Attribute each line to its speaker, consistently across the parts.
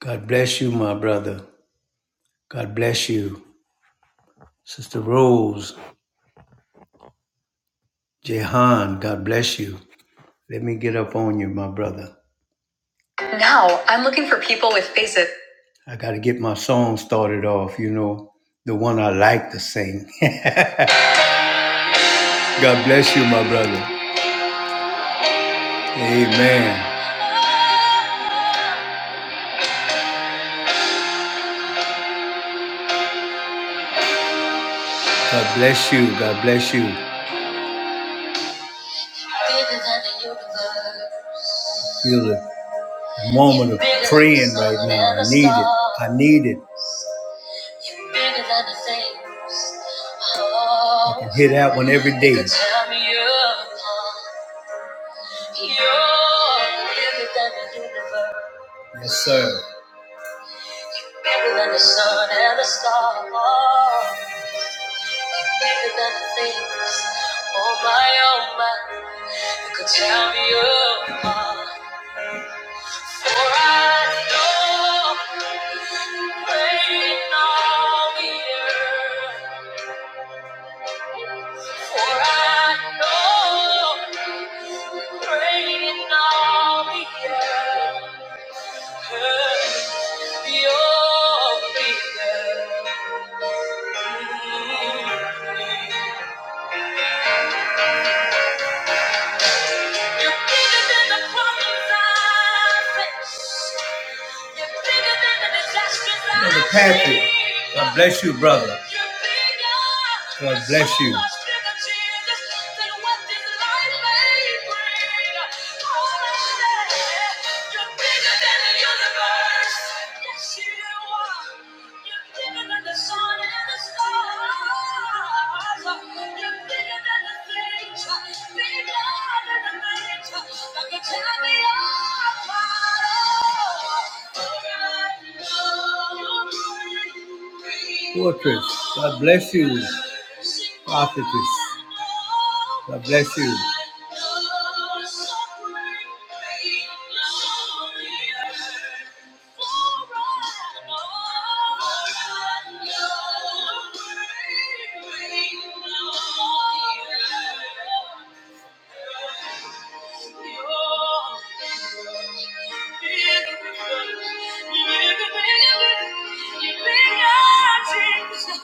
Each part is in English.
Speaker 1: God bless you, my brother. God bless you. Sister Rose, Jehan, God bless you. Let me get up on you, my brother. Now, I'm looking for people with faces. I got to get my song started off, you know, the one I like to sing. God bless you, my brother. Amen. God bless you. God bless you. Feel the moment of praying right now. I need it. I need it. You're bigger than the things. Oh, I can hear that one every day. That tear You're bigger than the universe. Yes, sir. Bigger than the sun and the stars. Bigger than the things. Oh my, oh my. You could tear me apart. For I know you're reigning on the earth. For I know. Reign on the earth, your kingdom. You're bigger than the problems I face. You're bigger than the disasters I Brother Patrick, see. God bless you, brother. You're bigger. God bless you. So much bigger, Jesus, than what this life may bring. Oh, Lord, you're bigger than the universe. Yes, you are. You're bigger than the sun and the stars. Fortress, God bless you, prophetess. God bless you. You're bigger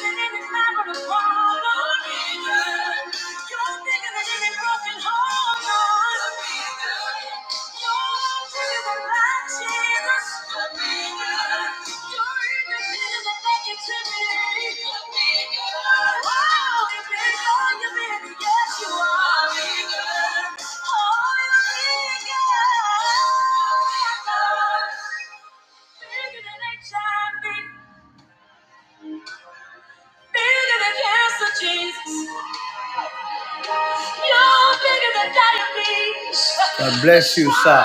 Speaker 1: than any mountain to climb. Bigger than HIV, bigger than cancer, Jesus. You're bigger than diabetes. God bless you, sir.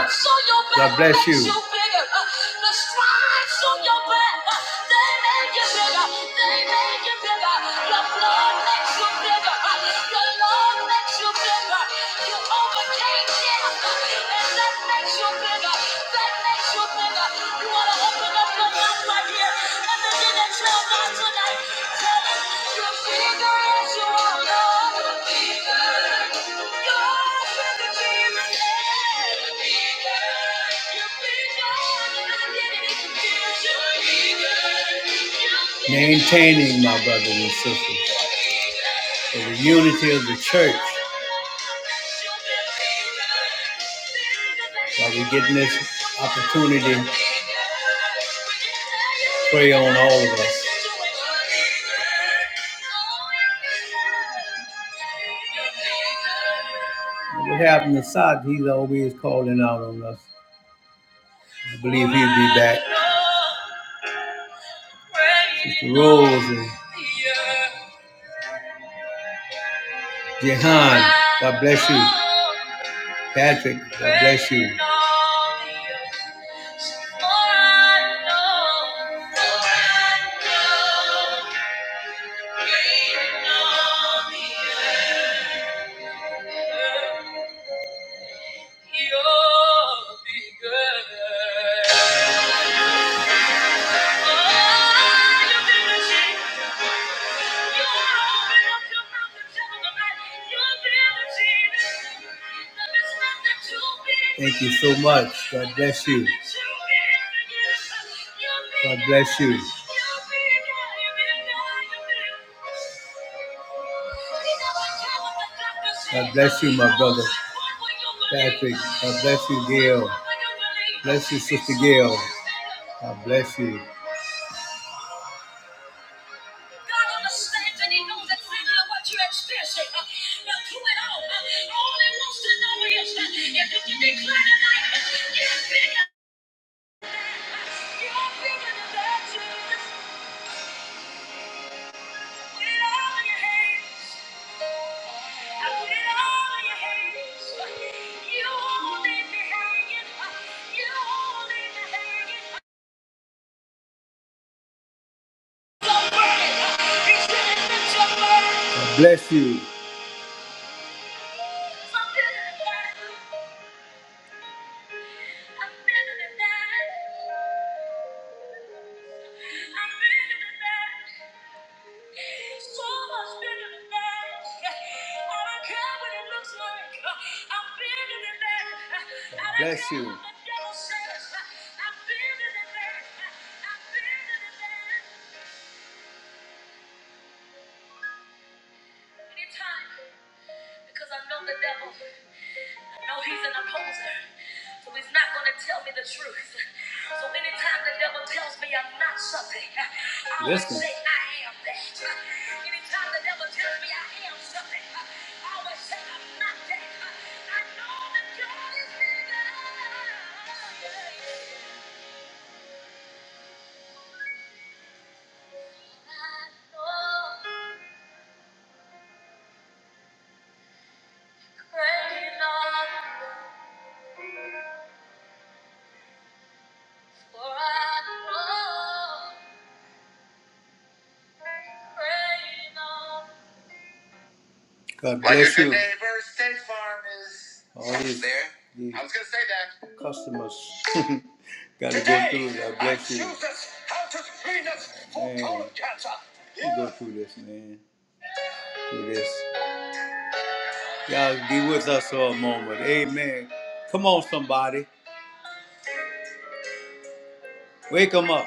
Speaker 1: God bless you. The stripes on your back, they make you bigger. They make you bigger. The blood makes you bigger. The Lord makes you bigger. You overcame death, and that makes you bigger. That makes you bigger. You want to open up your mouth. Maintaining, my brothers and sisters, for the unity of the church. While we're getting this opportunity, pray on all of us. What happened to Sod? He's always calling out on us. I believe he'll be back. Sister Rose and Jehan, God bless you. Patrick, God bless you. For I know, for I know, waiting on the earth, you're bigger. Thank you so much. God bless you. God bless you. God bless you, my brother Patrick. God bless you, Gail. Bless you, Sister Gail. God bless you. God understands and He knows exactly what you're experiencing. Uh, But through it all, uh, all He wants to know is uh, if you can declare tonight, uh, get bigger. You're bigger than that, Jesus. Put it all in your hands. I put it all in your hands. You won't leave me hanging. Uh, You won't leave me hanging. Don't worry. Uh, He said, "Lift your burden." God Bless you. like So like. Bless you. No, he's an opposer. So he's not going to tell me the truth. So anytime the devil tells me I'm not something, I always Listen. say I am that. Anytime the devil tells me I am something, I always say I'm not that. I know that God is bigger. I know great love, for I know great love. God Like bless a good you. neighbor, State Farm is all these, there. these I was gonna say that. Customers gotta go through. it. God I bless you. choose this out of greenness for Man, colon cancer. You go through this, man. Through this. Y'all be with us for a moment. Amen. Come on, somebody. Wake them up.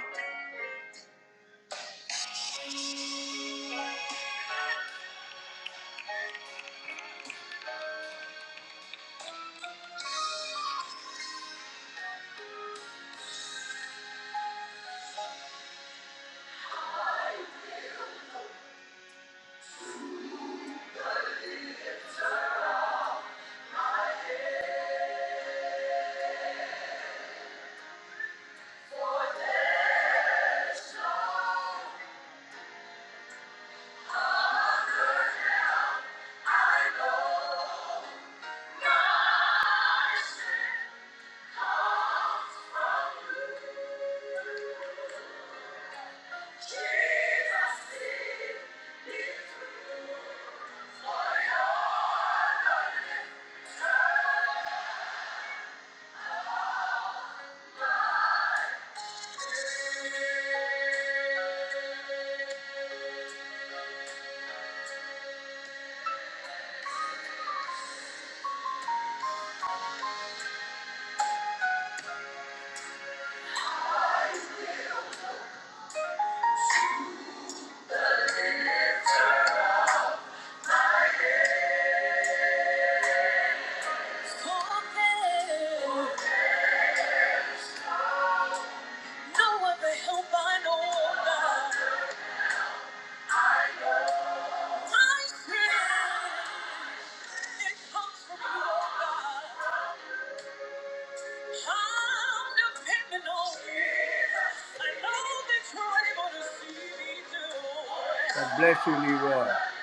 Speaker 1: God bless you, Leroy. God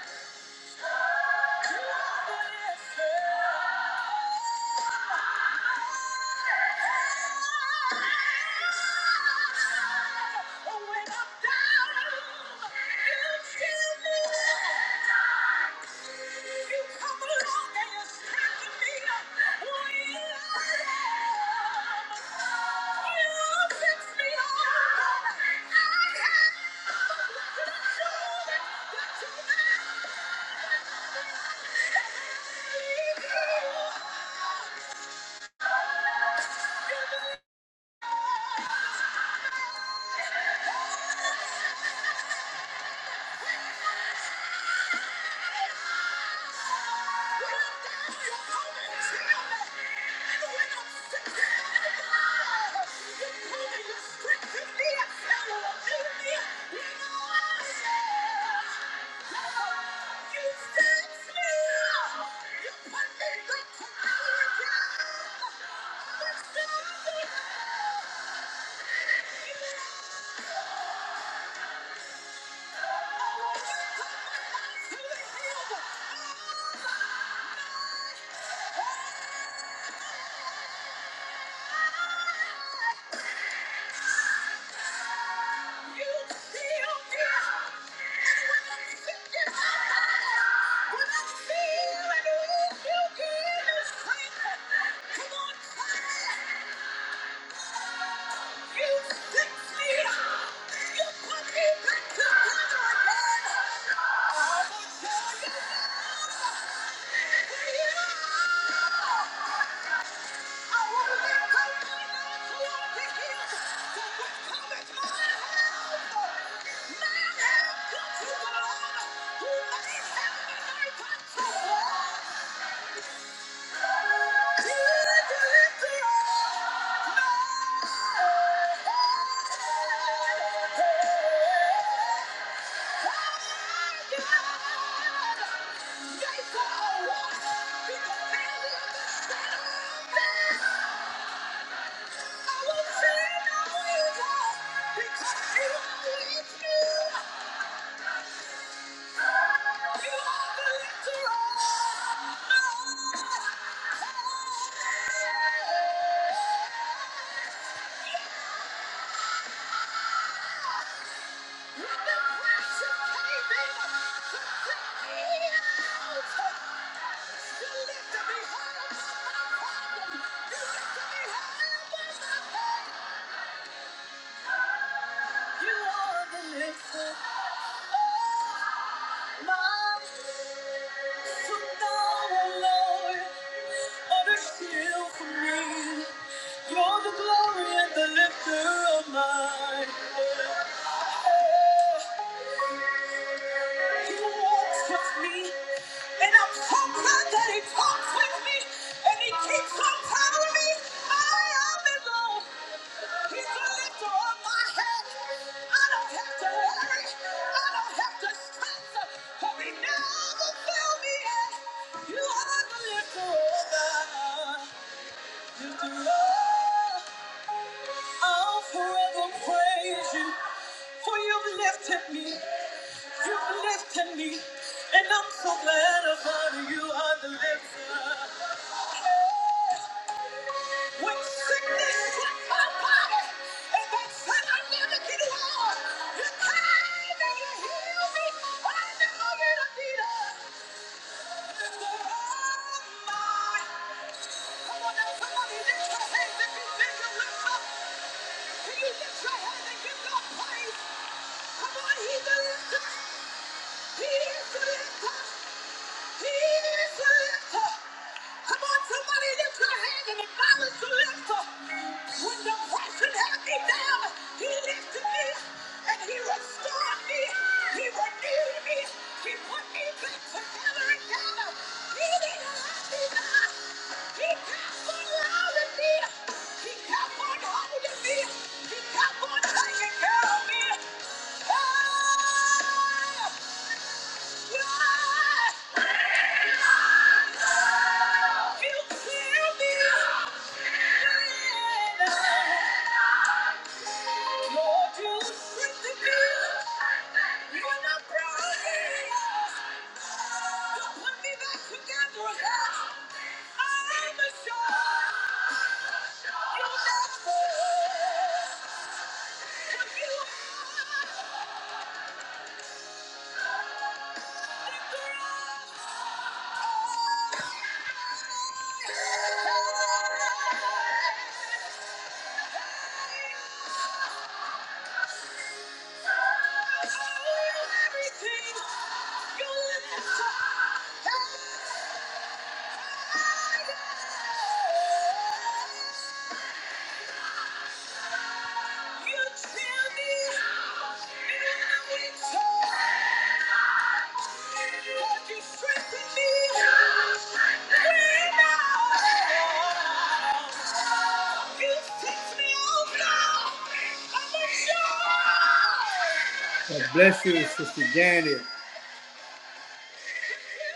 Speaker 1: bless you, Sister Janet.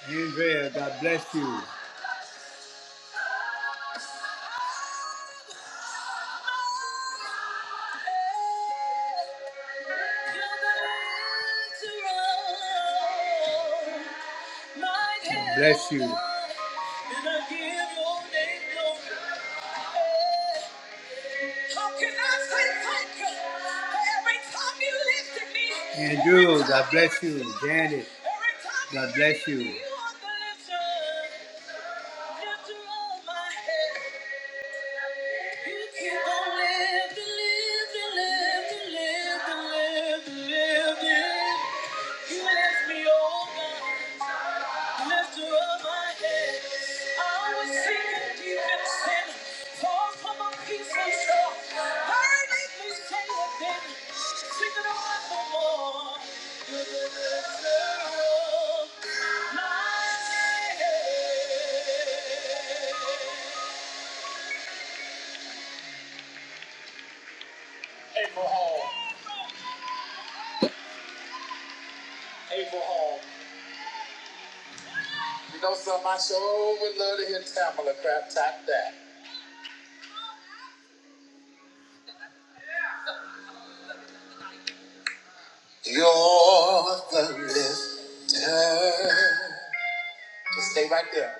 Speaker 1: Andrea, God bless you. Janet. April Hall. April Hall. You know something? I sure would love to hear Tamala crap tap that. You're the lifter. Just stay right there.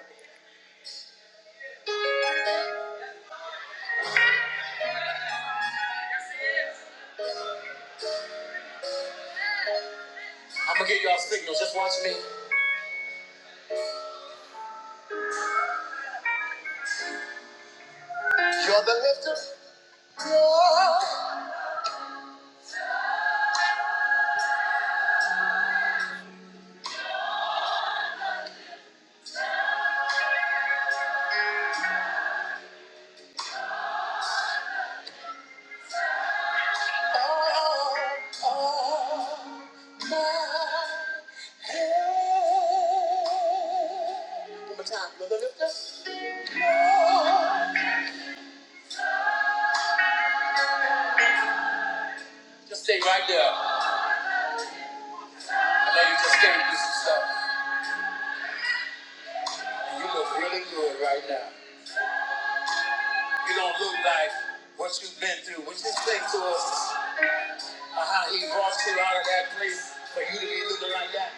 Speaker 1: I'm gonna give y'all signals. Just watch me. You're the lifter. Just stay right there. I know you just came through some stuff. And you look really good right now. You don't look like what you've been through. What you think to us uh, how he brought you out of that place for you to be looking like that?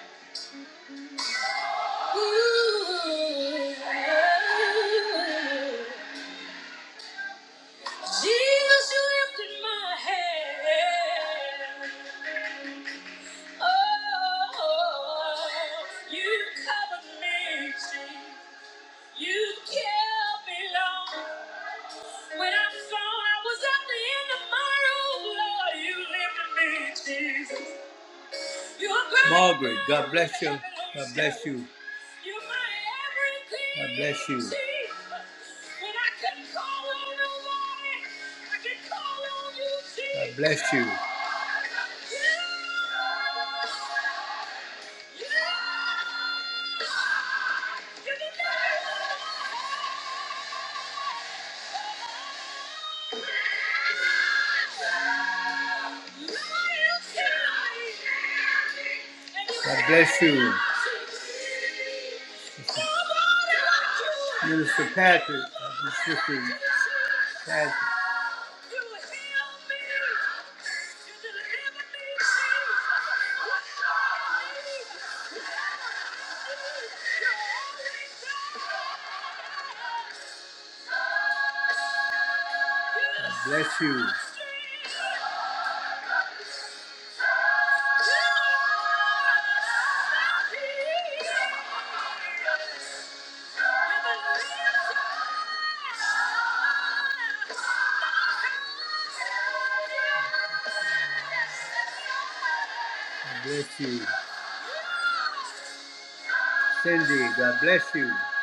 Speaker 1: Jesus, you lifted my head. Oh, you covered me. You kept me long. When I thought I was at the end of my rope, Lord, you lifted me, Jesus. You are my Margaret, God bless you. God bless you. You're my everything. God bless you. Patrick, God bless you. God bless you. Cindy, God bless you.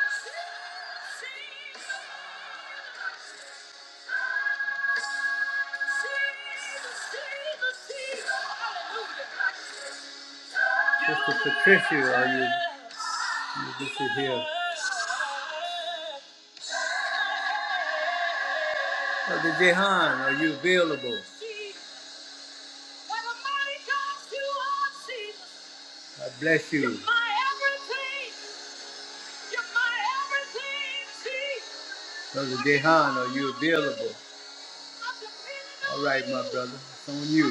Speaker 1: Brother Jehan, are you available? God bless you. Brother, you available, brother. It's on you.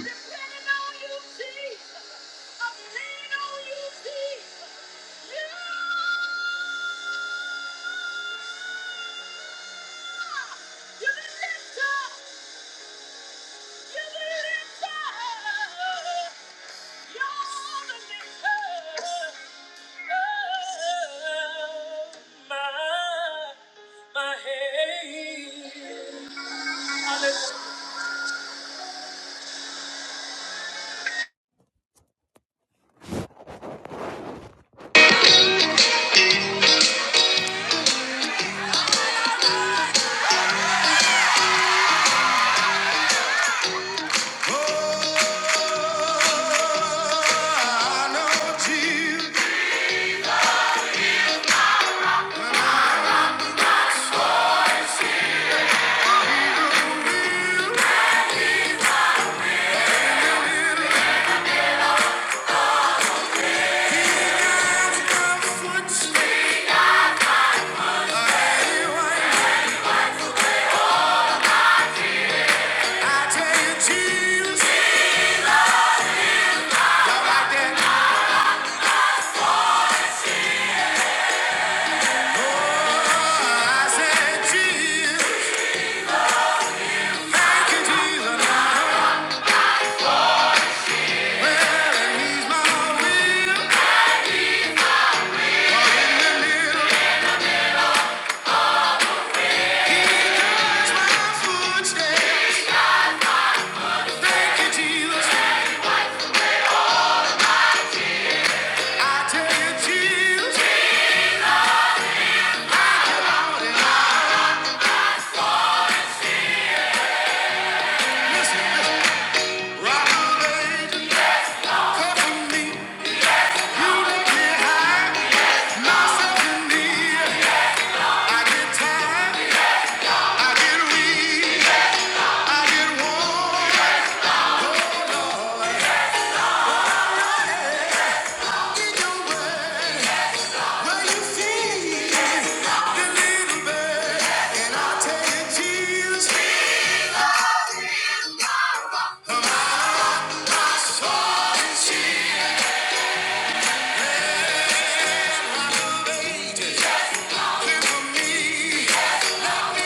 Speaker 2: Footsteps. Thank you, Jesus. I tell you, Jesus. Out and out. Listen, listen. Round the angel, cover me. You lift me high. Myself in need. I get tired. I get weak. I get worn. In your word, where you feed the little bird. And I tell you, Jesus, my soul is healed. You're not for me,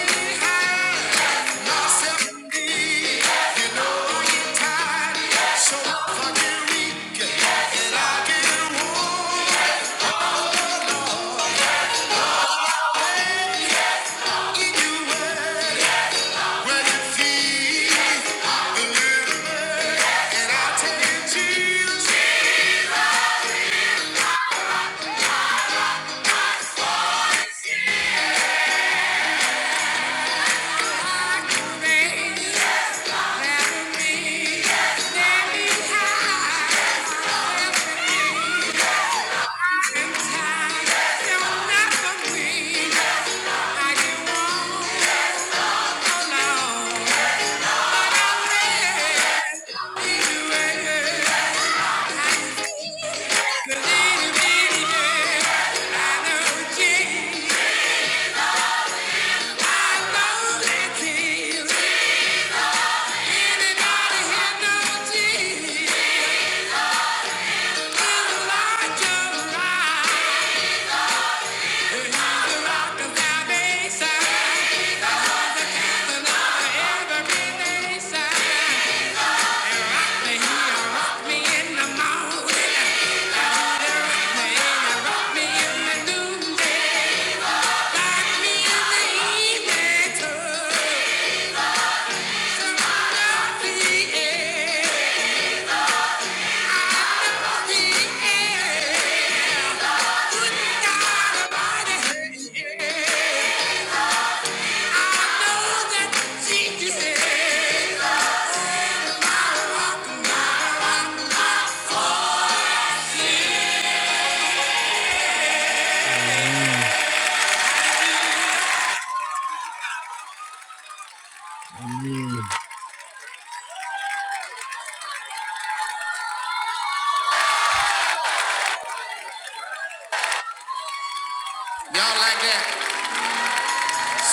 Speaker 2: I get Thank you. Rock me in the noonday.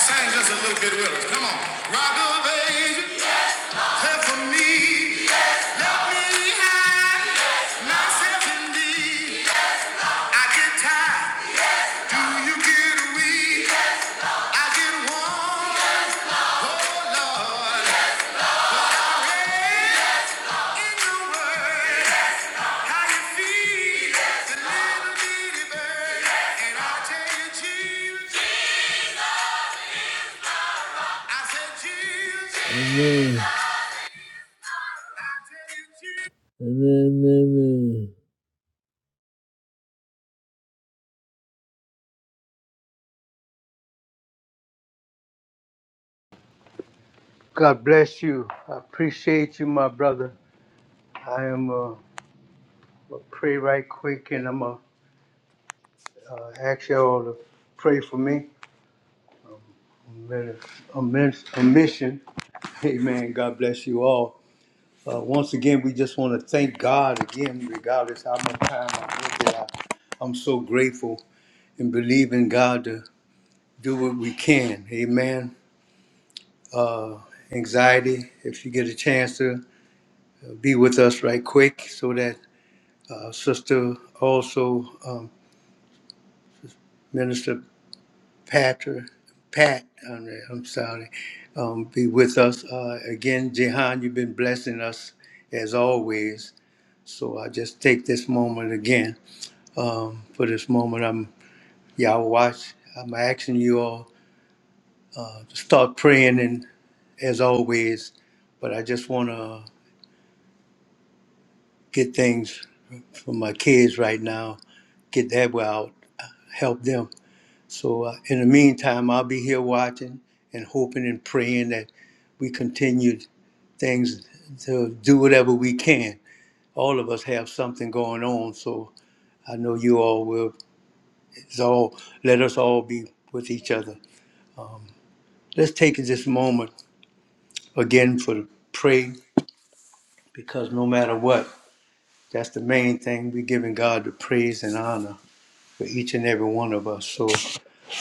Speaker 2: Sing just a little bit with Come on. Rock on, baby. Clap for me. Let me hide myself in thee. I get tired. Do you get weak? oh Amen. Amen. amen.
Speaker 1: God bless you. I appreciate you, my brother. I am uh, gonna pray right quick and I'm going to uh, ask y'all to pray for me. I'm in a, I'm in a mission. Amen. God bless you all. Uh, once again, we just want to thank God again, regardless how much time I'm with you. I'm so grateful and believe in God to do what we can. Amen. uh, anxiety. If you get a chance to uh, be with us right quick, so that uh, Sister also um, Minister Patrick Pat, I'm, I'm sorry, um, be with us uh, again. Jehan, you've been blessing us as always. So I just take this moment again. Um, for this moment, I'm y'all watch. I'm asking you all to start praying, and as always, but I just want to get things for my kids right now. Get that way out, help them. So uh, in the meantime, I'll be here watching and hoping and praying that we continue things to do whatever we can. All of us have something going on, so I know you all will. It's all let us all be with each other. Let's take this moment again for the pray, because no matter what, that's the main thing. We're giving God the praise and honor. for each and every one of us. So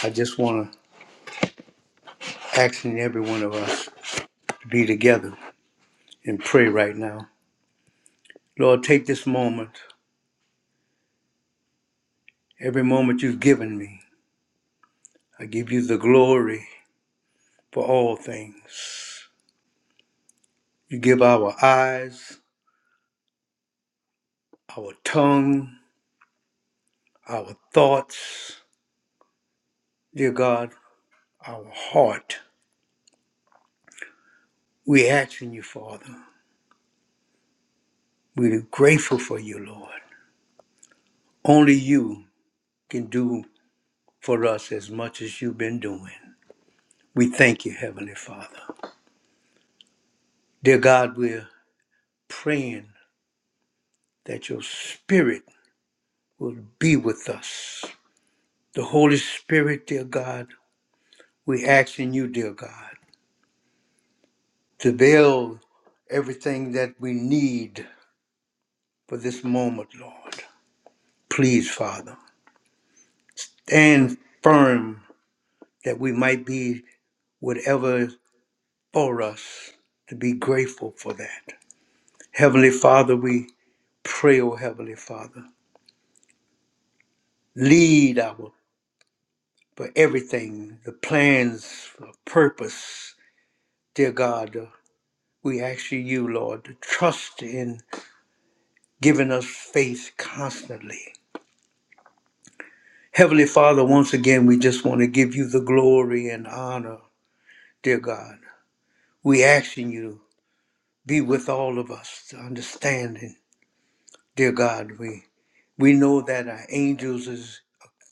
Speaker 1: I just want to ask in every one of us to be together and pray right now. Lord, take this moment, every moment you've given me. I give you the glory for all things. You give our eyes, our tongue, our thoughts, dear God, our heart. We ask in you, Father. We're grateful for you, Lord. Only you can do for us as much as you've been doing. We thank you, Heavenly Father. Dear God, we're praying that your Spirit will be with us. The Holy Spirit, dear God, we ask in you, dear God, to build everything that we need for this moment, Lord. Please, Father, and firm that we might be whatever is for us to be grateful for that. Heavenly Father, we pray, O Heavenly Father, lead our for everything, the plans, for purpose. Dear God, uh, we ask you, you, Lord, to trust in giving us faith constantly. Heavenly Father, once again, we just want to give you the glory and honor, dear God. We asking you to be with all of us, to understanding, dear God. We we know that our angels is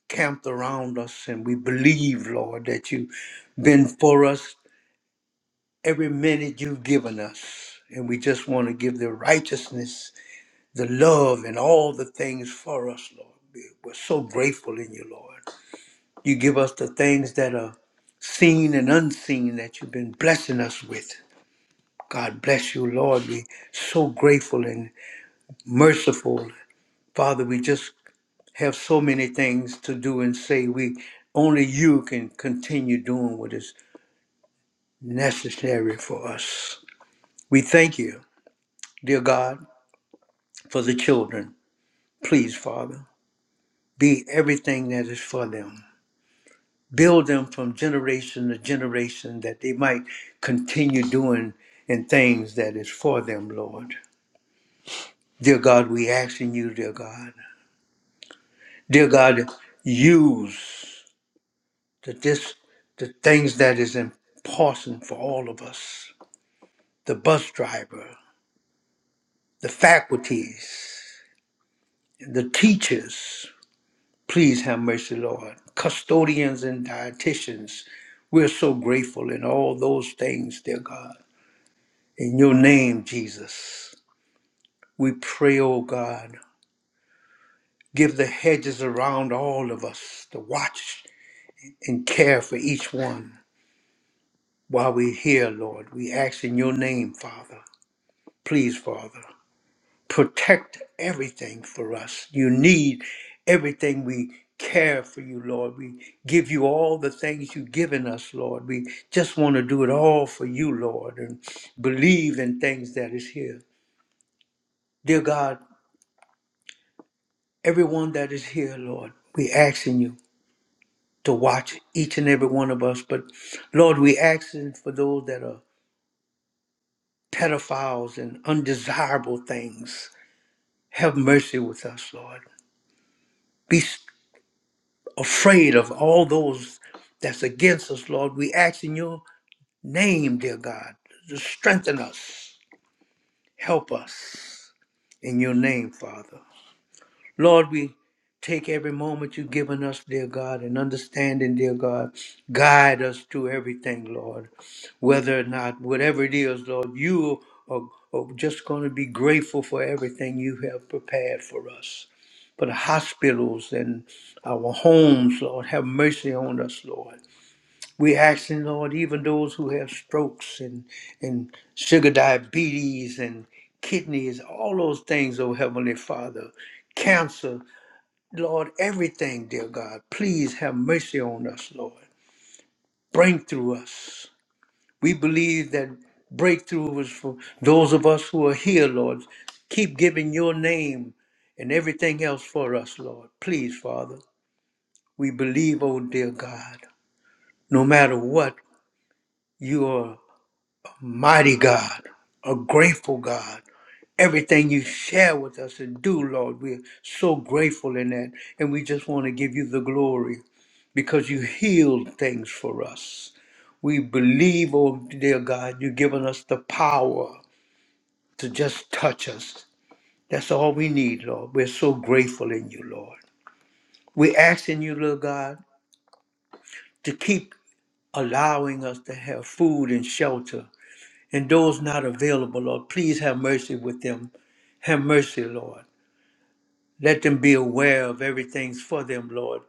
Speaker 1: camped around us, and we believe, Lord, that you've been for us every minute you've given us. And we just want to give the righteousness, the love, and all the things for us, Lord. We- We're so grateful in you, Lord. You give us the things that are seen and unseen that you've been blessing us with. God bless you, Lord. We're so grateful and merciful. Father, we just have so many things to do and say. We only you can continue doing what is necessary for us. We thank you, dear God. for the children. Please, Father, be everything that is for them. Build them from generation to generation that they might continue doing and things that is for them, Lord. Dear God, we ask in you, dear God. Dear God, use the this the things that is important for all of us. The bus driver, the faculties, the teachers, Please have mercy, Lord. Custodians and dietitians, we're so grateful in all those things, dear God. In your name, Jesus, we pray, oh God, give the hedges around all of us to watch and care for each one while we're here, Lord. We ask in your name, Father. Please, Father. protect everything for us. You need everything we care for you, Lord. We give you all the things you've given us, Lord. We just want to do it all for you, Lord, and believe in things that is here. Dear God, everyone that is here, Lord, we asking you to watch each and every one of us. But Lord, we asking for those that are pedophiles and undesirable things. Have mercy with us, Lord. Be afraid of all those that's against us, Lord. We ask in your name, dear God, to strengthen us, help us in your name, Father. Lord, we take every moment you've given us, dear God, and understanding, dear God. Guide us through everything, Lord. Whether or not, whatever it is, Lord, you are, are just going to be grateful for everything you have prepared for us. For the hospitals and our homes, Lord, have mercy on us, Lord. We're asking, Lord, even those who have strokes and, and sugar diabetes and kidneys, all those things, oh Heavenly Father, cancer. Lord, everything, dear God, please have mercy on us, Lord. Bring through us. We believe that breakthrough was for those of us who are here, Lord. Keep giving your name and everything else for us, Lord. Please, Father, we believe, oh dear God, no matter what, you are. mighty God, a grateful God. Everything you share with us and do, Lord, we're so grateful in that. And we just want to give you the glory because you healed things for us. We believe, oh dear God, you've given us the power to just touch us. That's all we need, Lord. We're so grateful in you, Lord. We're asking you, Lord God, to keep allowing us to have food and shelter and those not available, Lord, please have mercy with them. Have mercy, Lord. Let them be aware of everything's for them, Lord.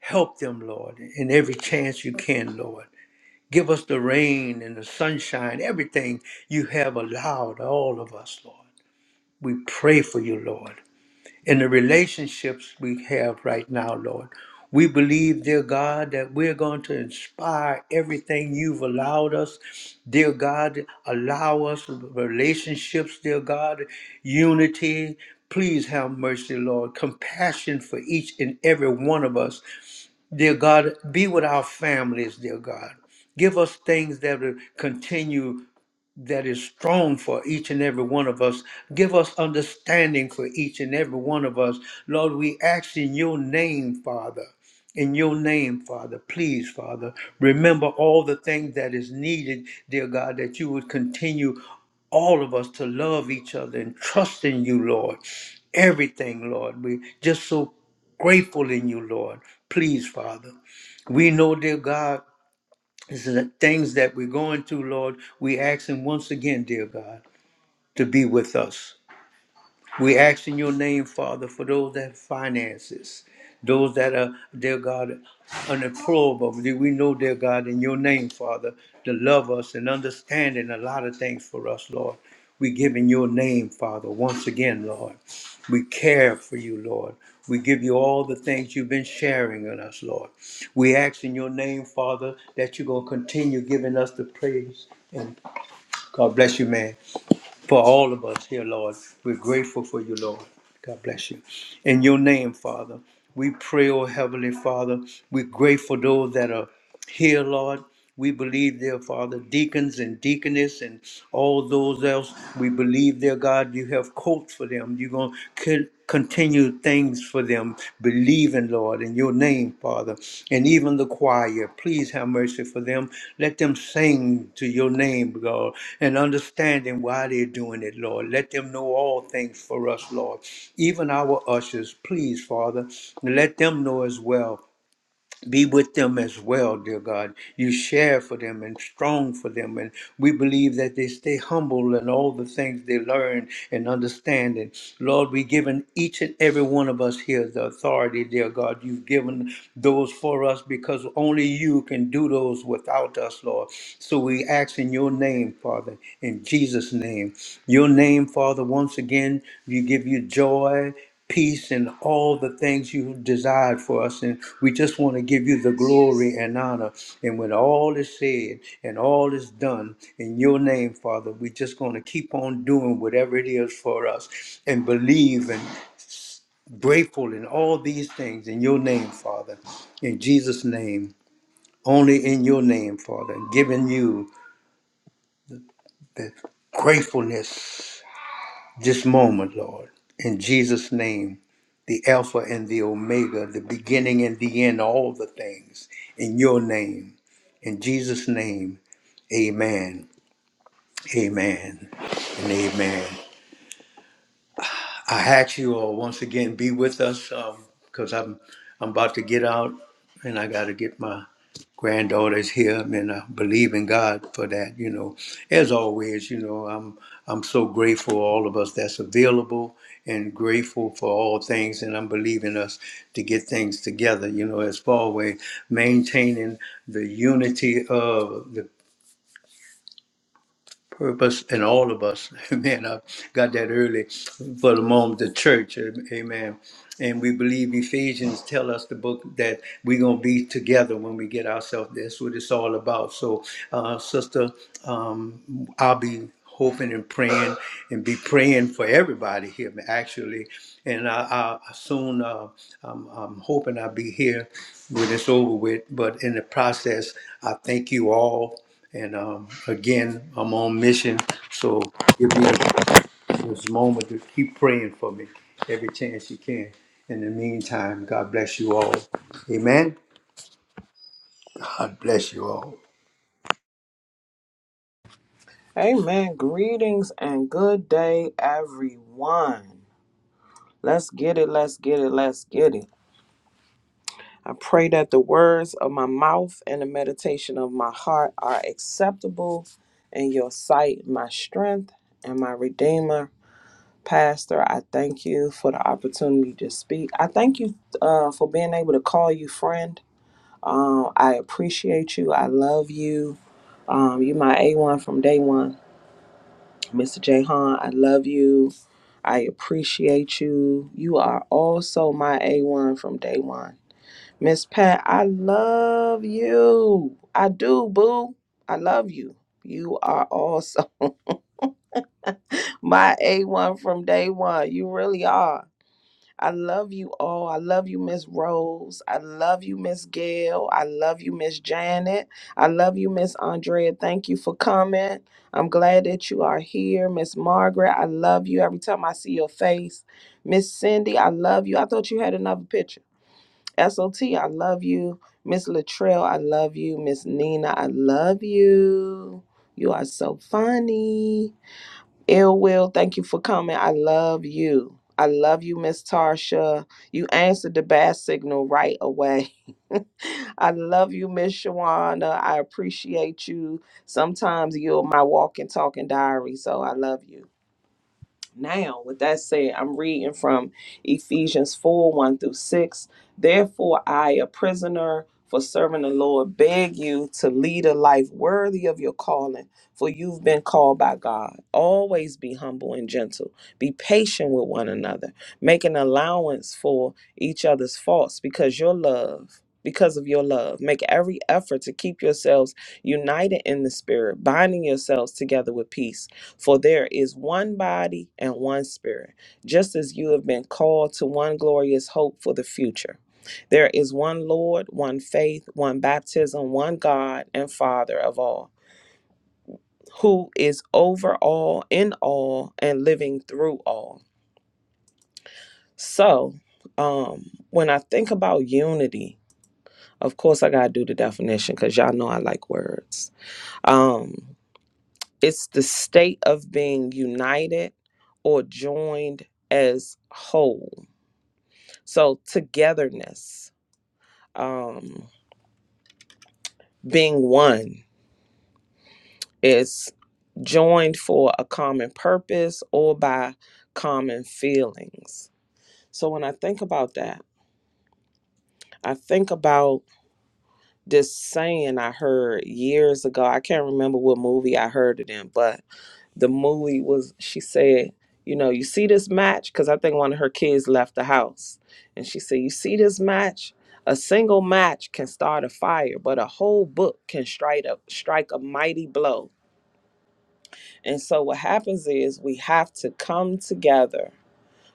Speaker 1: Help them, Lord, in every chance you can, Lord. Give us the rain and the sunshine, everything you have allowed all of us, Lord. We pray for you, Lord in the relationships we have right now, Lord. We believe, dear God, that we're going to inspire everything you've allowed us. Dear God, allow us relationships, dear God, unity. Please have mercy, Lord. Compassion for each and every one of us. Dear God, be with our families, dear God. Give us things that will continue that is strong for each and every one of us. Give us understanding for each and every one of us. Lord, we ask in your name, Father. In your name, Father, please, Father, remember all the things that is needed, dear God, that you would continue all of us to love each other and trust in you, Lord. Everything, Lord. We just so grateful in you, Lord. Please, Father. We know, dear God, this is the things that we're going through, Lord. We ask Him once again, dear God, to be with us. We ask in your name, Father, for those that have finances, those that are, dear God, unemployable. We know, dear God, in your name, Father, to love us and understanding a lot of things for us, Lord. We give in your name, Father, once again, Lord. We care for you, Lord. We give you all the things you've been sharing with us, Lord. We ask in your name, Father, that you're going to continue giving us the praise. And God bless you, man for all of us here, Lord. We're grateful for you, Lord. God bless you. In your name, Father, we pray, oh Heavenly Father. We're grateful those that are here, Lord. We believe, dear Father, deacons and deaconess and all those else. We believe, dear God, you have coats for them. You're going to continued things for them, believing, Lord, in your name, Father. And even the choir, please have mercy for them. Let them sing to your name, God, and understanding why they're doing it, Lord. Let them know all things for us, Lord. Even our ushers, please, Father, let them know as well be with them as well, dear God. You share for them and strong for them. And we believe that they stay humble in all the things they learn and understand. And Lord, we've given each and every one of us here the authority, dear God. You've given those for us because only you can do those without us, Lord. So we ask in your name, Father, in Jesus' name. Your name, Father, once again, we give you joy peace and all the things you desired for us. And we just want to give you the glory and honor. And when all is said and all is done in your name, Father, we're just going to keep on doing whatever it is for us and believe and grateful in all these things in your name, Father. In Jesus' name, only in your name, Father, giving you the gratefulness this moment, Lord. In Jesus' name, the Alpha and the Omega, the beginning and the end, all the things in your name. In Jesus' name, amen, amen, and amen. I had you all once again be with us because I'm I'm about to get out and I got to get my granddaughters here and I believe in God for that. You know, as always, you know I'm I'm so grateful for all of us that's available and grateful for all things and I'm believing us to get things together. You know, as far away maintaining the unity of the purpose in all of us. Amen. I got that early for the moment, the church. Amen. And we believe Ephesians tell us the book that we're going to be together when we get ourselves. That's what it's all about. So, uh, sister, um, I'll be hoping and praying and be praying for everybody here actually and i, I soon uh, I'm, I'm hoping i'll be here when it's over with but in the process i thank you all and um, again, I'm on mission, so give me this moment to keep praying for me every chance you can. In the meantime, God bless you all. Amen. God bless you all.
Speaker 3: Amen. Greetings and good day, everyone. Let's get it. Let's get it. Let's get it. I pray that the words of my mouth and the meditation of my heart are acceptable in your sight, my strength and my redeemer. Pastor, I thank you for the opportunity to speak. I thank you uh, for being able to call you friend. Um, I appreciate you. I love you. Um, you my A1 from day one. Mr. Jahan, I love you. I appreciate you. You are also my A1 from day one. Miss Pat, I love you. I do, boo. I love you. You are also my A1 from day one. You really are. I love you all. I love you, Miss Rose. I love you, Miss Gail. I love you, Miss Janet. I love you, Miss Andrea. Thank you for coming. I'm glad that you are here. Miss Margaret, I love you every time I see your face. Miss Cindy, I love you. I thought you had another picture. SOT, I love you. Miss Latrell, I love you. Miss Nina, I love you. You are so funny. Ill Will, thank you for coming. I love you. I love you, Miss Tarsha. You answered the bad signal right away. I love you, Miss Shawana. I appreciate you. Sometimes you're my walking, talking diary, so I love you. Now, with that said, I'm reading from Ephesians 4 1 through 6. Therefore, I, a prisoner for serving the Lord, beg you to lead a life worthy of your calling, for you've been called by God. Always be humble and gentle. Be patient with one another. Make an allowance for each other's faults because your love. Because of your love, make every effort to keep yourselves united in the Spirit, binding yourselves together with peace. For there is one body and one spirit, just as you have been called to one glorious hope for the future. There is one Lord, one faith, one baptism, one God and Father of all, who is over all, in all, and living through all. So, um, when I think about unity, of course I gotta do the definition because y'all know I like words. Um, It's the state of being united or joined as whole. So togetherness, um, being one, is joined for a common purpose or by common feelings. So when I think about that, I think about this saying I heard years ago. I can't remember what movie I heard it in, but the movie was she said you know you see this match because i think one of her kids left the house and she said you see this match a single match can start a fire but a whole book can strike a strike a mighty blow and so what happens is we have to come together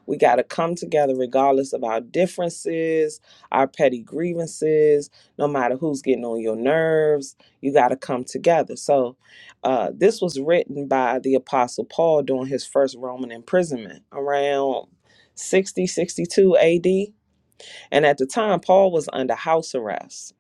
Speaker 3: we got to come together regardless of our differences, our petty grievances, no matter who's getting on your nerves. You got to come together. So, uh, this was written by the Apostle Paul during his first Roman imprisonment around 60 62 AD. And at the time, Paul was under house arrest.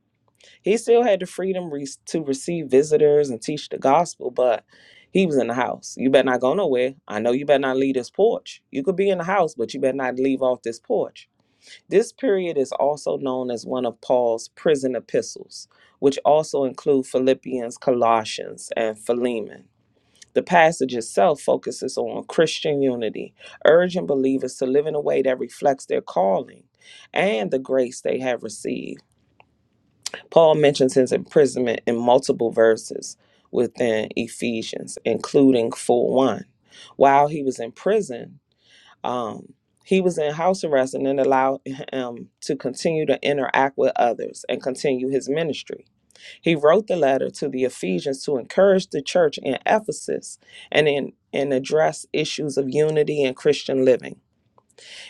Speaker 3: He still had the freedom re- to receive visitors and teach the gospel, but he was in the house. You better not go nowhere. I know you better not leave this porch. You could be in the house, but you better not leave off this porch. This period is also known as one of Paul's prison epistles, which also include Philippians, Colossians, and Philemon. The passage itself focuses on Christian unity, urging believers to live in a way that reflects their calling and the grace they have received Paul mentions his imprisonment in multiple verses within Ephesians, including 4 1. While he was in prison, um, he was in house arrest and then allowed him to continue to interact with others and continue his ministry. He wrote the letter to the Ephesians to encourage the church in Ephesus and, in, and address issues of unity and Christian living.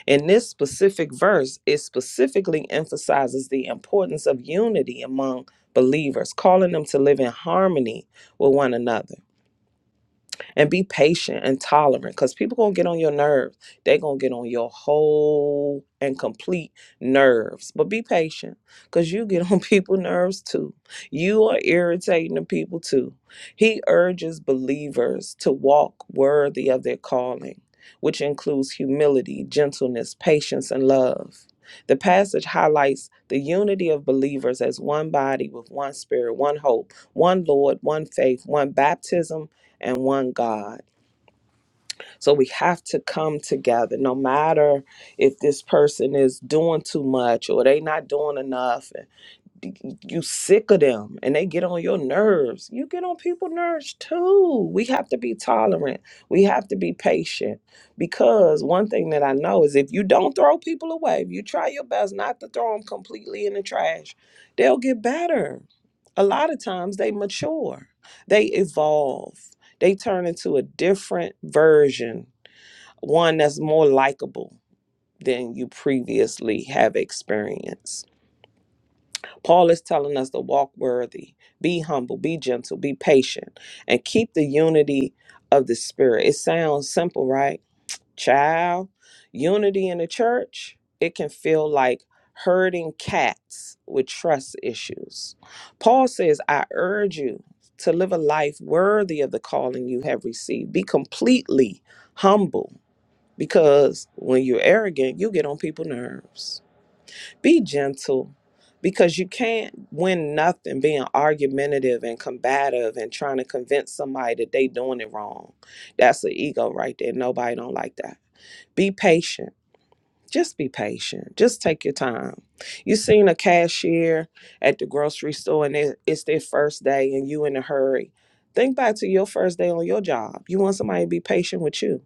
Speaker 3: In this specific verse, it specifically emphasizes the importance of unity among believers, calling them to live in harmony with one another and be patient and tolerant because people gonna get on your nerves they gonna get on your whole and complete nerves but be patient because you get on people's nerves too you are irritating the people too he urges believers to walk worthy of their calling which includes humility gentleness patience and love the passage highlights the unity of believers as one body with one spirit, one hope, one Lord, one faith, one baptism, and one God. So we have to come together no matter if this person is doing too much or they not doing enough you sick of them and they get on your nerves. You get on people's nerves too. We have to be tolerant. We have to be patient because one thing that I know is if you don't throw people away, if you try your best not to throw them completely in the trash, they'll get better. A lot of times they mature, they evolve, they turn into a different version, one that's more likable than you previously have experienced. Paul is telling us to walk worthy, be humble, be gentle, be patient, and keep the unity of the Spirit. It sounds simple, right? Child, unity in the church, it can feel like herding cats with trust issues. Paul says, I urge you to live a life worthy of the calling you have received. Be completely humble because when you're arrogant, you get on people's nerves be gentle because you can't win nothing being argumentative and combative and trying to convince somebody that they doing it wrong that's the ego right there nobody don't like that be patient just be patient just take your time you seen a cashier at the grocery store and it- it's their first day and you in a hurry think back to your first day on your job you want somebody to be patient with you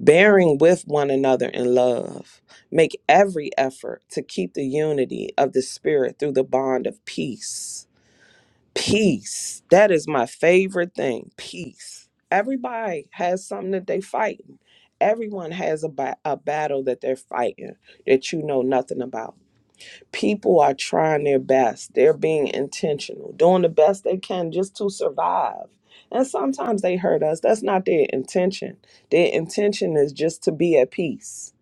Speaker 3: bearing with one another in love. Make every effort to keep the unity of the Spirit through the bond of peace. Peace. That is my favorite thing. Peace. Everybody has something that they fighting. Everyone has a, ba- a battle that they're fighting that you know nothing about people are trying their best. They're being intentional, doing the best they can just to survive. And sometimes they hurt us. That's not their intention. Their intention is just to be at peace.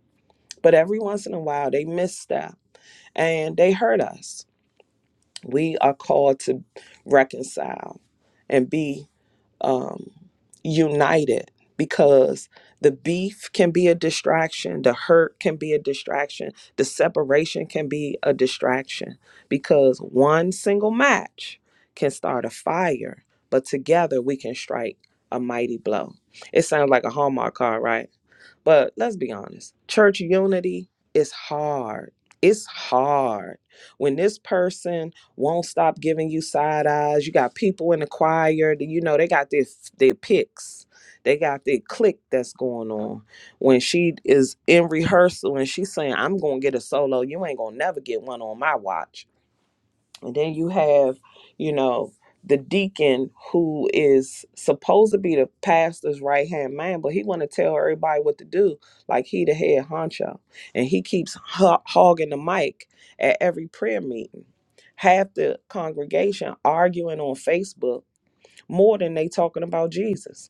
Speaker 3: But every once in a while, they misstep and they hurt us. We are called to reconcile and be um, united because the beef can be a distraction, the hurt can be a distraction, the separation can be a distraction because one single match can start a fire, but together we can strike a mighty blow. It sounds like a Hallmark card, right? But let's be honest church unity is hard. It's hard. When this person won't stop giving you side eyes, you got people in the choir, that, you know, they got their, their picks, they got their click that's going on. When she is in rehearsal and she's saying, I'm going to get a solo, you ain't going to never get one on my watch and then you have, you know, the deacon who is supposed to be the pastor's right hand man, but he want to tell everybody what to do, like he the head honcho, and he keeps ho- hogging the mic at every prayer meeting. Half the congregation arguing on Facebook more than they talking about Jesus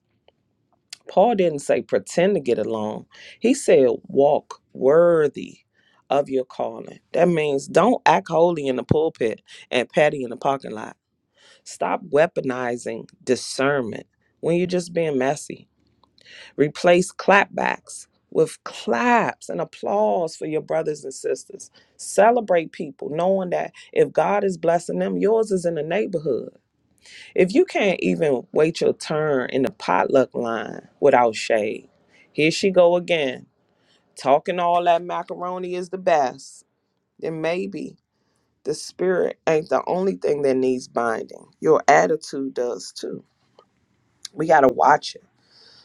Speaker 3: Paul didn't say pretend to get along. He said walk worthy of your calling. That means don't act holy in the pulpit and petty in the parking lot. Stop weaponizing discernment when you're just being messy. Replace clapbacks with claps and applause for your brothers and sisters. Celebrate people knowing that if God is blessing them, yours is in the neighborhood. If you can't even wait your turn in the potluck line without shade, here she go again, talking all that macaroni is the best. Then maybe the spirit ain't the only thing that needs binding. Your attitude does too. We gotta watch it.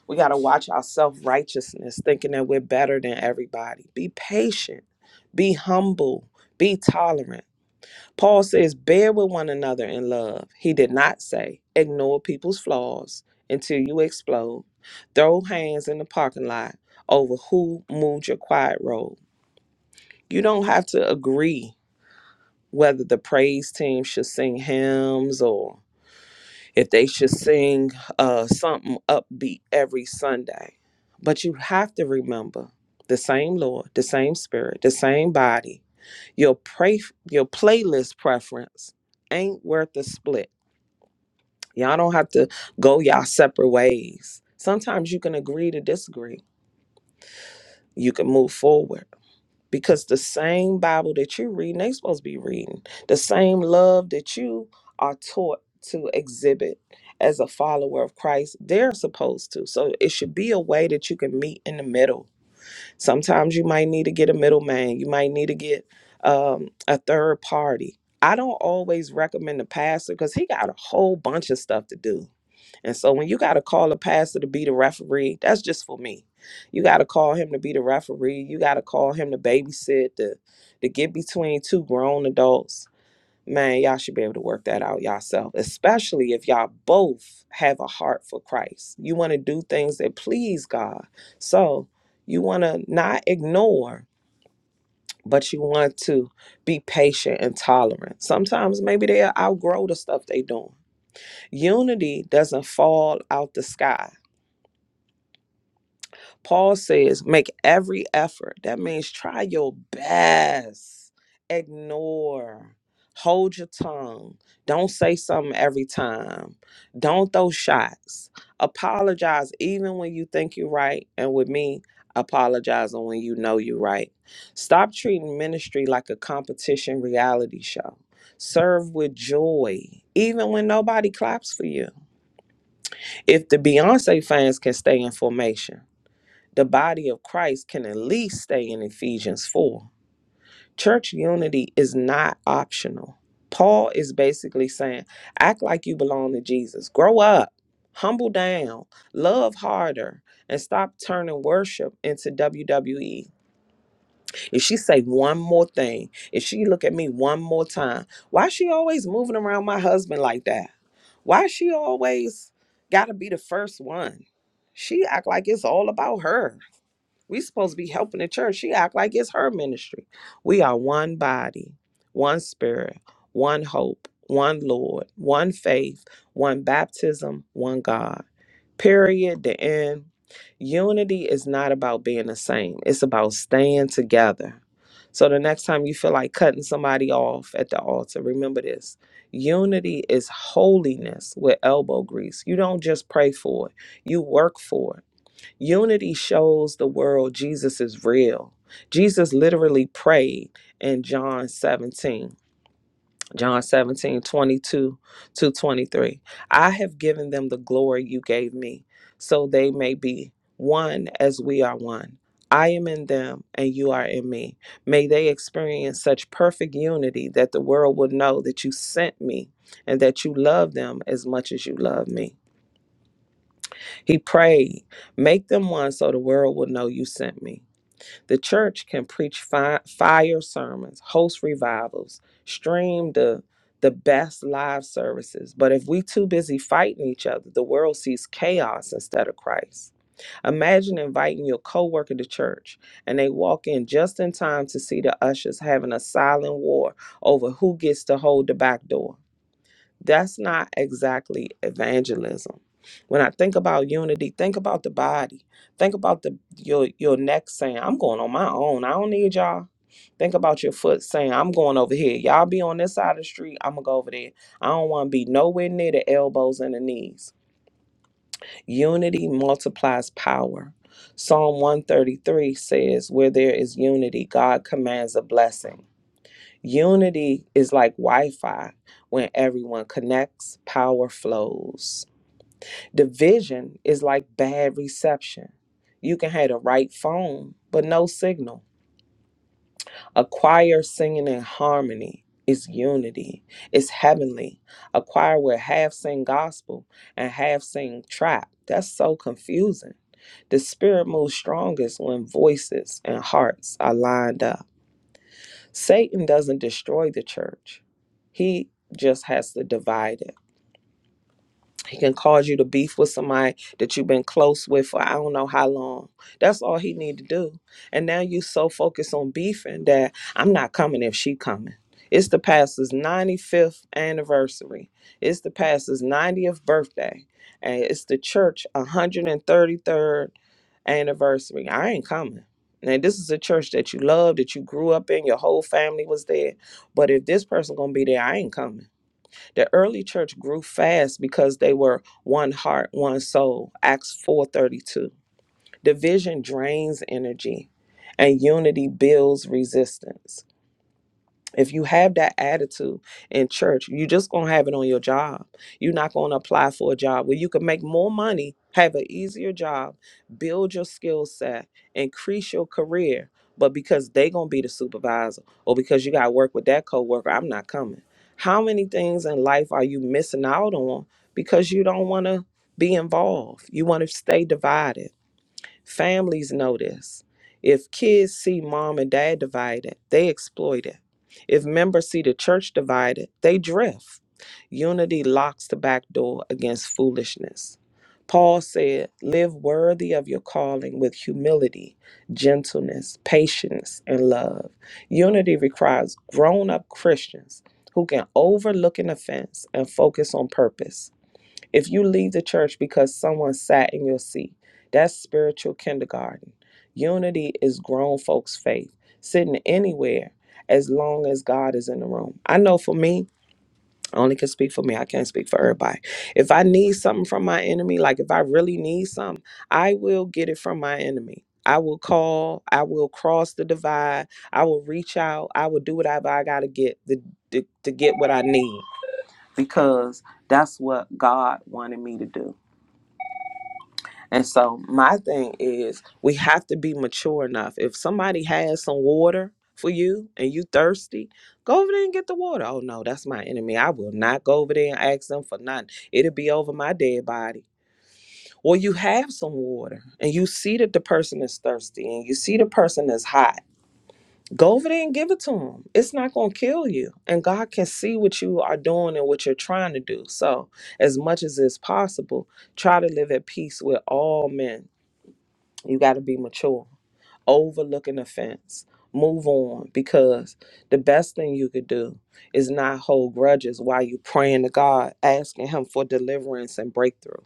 Speaker 3: We gotta watch our self righteousness, thinking that we're better than everybody. Be patient. Be humble. Be tolerant. Paul says, bear with one another in love. He did not say, ignore people's flaws until you explode. Throw hands in the parking lot over who moved your quiet road. You don't have to agree whether the praise team should sing hymns or if they should sing uh, something upbeat every Sunday. But you have to remember the same Lord, the same Spirit, the same body. Your, pray, your playlist preference ain't worth a split Y'all don't have to go y'all separate ways. Sometimes you can agree to disagree. You can move forward because the same Bible that you read, they supposed to be reading the same love that you are taught to exhibit as a follower of Christ. They're supposed to. So it should be a way that you can meet in the middle. Sometimes you might need to get a middleman. You might need to get um, a third party. I don't always recommend the pastor because he got a whole bunch of stuff to do and so when you got to call a pastor to be the referee, that's just for me. You got to call him to be the referee. You got to call him to babysit, to, to get between two grown adults. Man, y'all should be able to work that out yourself, especially if y'all both have a heart for Christ. You want to do things that please God. So you want to not ignore, but you want to be patient and tolerant. Sometimes maybe they'll outgrow the stuff they doing. Unity doesn't fall out the sky Paul says, make every effort. That means try your best. Ignore. Hold your tongue. Don't say something every time. Don't throw shots. Apologize even when you think you're right. And with me, apologize when you know you're right. Stop treating ministry like a competition reality show. Serve with joy, even when nobody claps for you. If the Beyonce fans can stay in formation, the body of Christ can at least stay in Ephesians 4. Church unity is not optional. Paul is basically saying, act like you belong to Jesus. Grow up, humble down, love harder, and stop turning worship into WWE. If she say one more thing, if she look at me one more time, why is she always moving around my husband like that? Why she always gotta be the first one? She act like it's all about her. We supposed to be helping the church. She act like it's her ministry. We are one body, one spirit, one hope, one Lord, one faith, one baptism, one God. Period. The end. Unity is not about being the same. It's about staying together. So the next time you feel like cutting somebody off at the altar, remember this. Unity is holiness with elbow grease. You don't just pray for it. You work for it. Unity shows the world Jesus is real. Jesus literally prayed in John 17, John 17 22 to 23. I have given them the glory you gave me, so they may be one as we are one. I am in them and you are in me. May they experience such perfect unity that the world will know that you sent me and that you love them as much as you love me. He prayed, Make them one so the world will know you sent me. The church can preach fi- fire sermons, host revivals, stream the the best live services. But if we too busy fighting each other, the world sees chaos instead of Christ. Imagine inviting your coworker to church and they walk in just in time to see the ushers having a silent war over who gets to hold the back door. That's not exactly evangelism. When I think about unity, think about the body. Think about the your your neck saying, I'm going on my own. I don't need y'all. Think about your foot saying, I'm going over here. Y'all be on this side of the street. I'm gonna go over there. I don't wanna be nowhere near the elbows and the knees. Unity multiplies power. Psalm 133 says, Where there is unity, God commands a blessing. Unity is like Wi Fi when everyone connects, power flows. Division is like bad reception. You can have the right phone, but no signal. A choir singing in harmony is unity, it's heavenly. A choir will half sing gospel and half sing trap. That's so confusing. The spirit moves strongest when voices and hearts are lined up. Satan doesn't destroy the church. He just has to divide it. He can cause you to beef with somebody that you've been close with for I don't know how long. That's all he need to do. And now you so focused on beefing that I'm not coming if she coming. It's the pastor's 95th anniversary. It's the pastor's 90th birthday. And it's the church 133rd anniversary. I ain't coming. And this is a church that you love, that you grew up in, your whole family was there. But if this person gonna be there, I ain't coming. The early church grew fast because they were one heart, one soul. Acts 4:32. Division drains energy and unity builds resistance if you have that attitude in church, you are just gonna have it on your job. You're not gonna apply for a job where you can make more money, have an easier job, build your skill set, increase your career. But because they gonna be the supervisor, or because you gotta work with that coworker, I'm not coming. How many things in life are you missing out on because you don't wanna be involved? You wanna stay divided. Families know this. If kids see mom and dad divided, they exploit it. If members see the church divided, they drift. Unity locks the back door against foolishness. Paul said, Live worthy of your calling with humility, gentleness, patience, and love. Unity requires grown up Christians who can overlook an offense and focus on purpose. If you leave the church because someone sat in your seat, that's spiritual kindergarten. Unity is grown folks' faith, sitting anywhere as long as God is in the room. I know for me, I only can speak for me. I can't speak for everybody. If I need something from my enemy, like if I really need something, I will get it from my enemy. I will call, I will cross the divide, I will reach out, I will do whatever I gotta get to, to, to get what I need because that's what God wanted me to do. And so my thing is we have to be mature enough. If somebody has some water for you and you thirsty, go over there and get the water. Oh no, that's my enemy. I will not go over there and ask them for nothing. It'll be over my dead body. Or you have some water and you see that the person is thirsty and you see the person is hot. Go over there and give it to them. It's not going to kill you. And God can see what you are doing and what you're trying to do. So, as much as is possible, try to live at peace with all men you got to be mature. Overlook an offense. Move on because the best thing you could do is not hold grudges while you praying to God, asking Him for deliverance and breakthrough.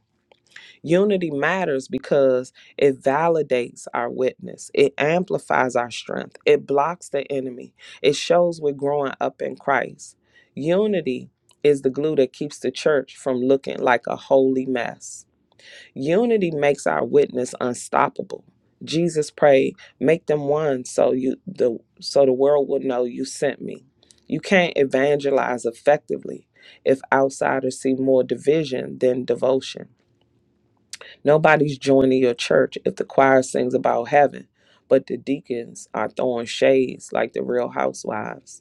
Speaker 3: Unity matters because it validates our witness, it amplifies our strength, it blocks the enemy, it shows we're growing up in Christ. Unity is the glue that keeps the church from looking like a holy mess. Unity makes our witness unstoppable. Jesus prayed, "Make them one, so you the so the world will know you sent me." You can't evangelize effectively if outsiders see more division than devotion. Nobody's joining your church if the choir sings about heaven, but the deacons are throwing shades like the real housewives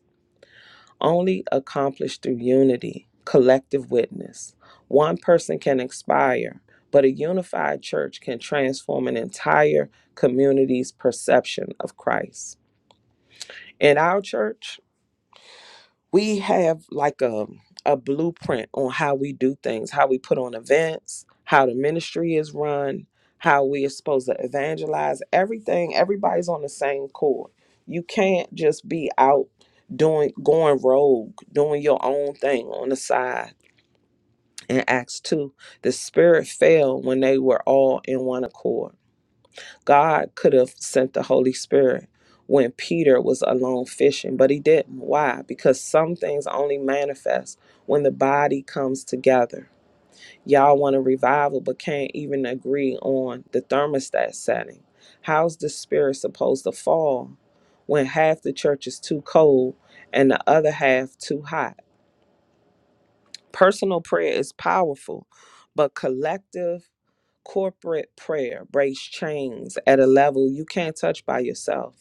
Speaker 3: only accomplished through unity, collective witness. One person can inspire, but a unified church can transform an entire community's perception of Christ. In our church, we have like a a blueprint on how we do things, how we put on events, how the ministry is run, how we are supposed to evangelize, everything, everybody's on the same chord. You can't just be out doing going rogue, doing your own thing on the side. In Acts 2, the spirit fell when they were all in one accord. God could have sent the Holy Spirit when Peter was alone fishing, but he didn't. Why? Because some things only manifest when the body comes together. Y'all want a revival, but can't even agree on the thermostat setting. How's the spirit supposed to fall when half the church is too cold and the other half too hot? Personal prayer is powerful, but collective corporate prayer breaks chains at a level you can't touch by yourself.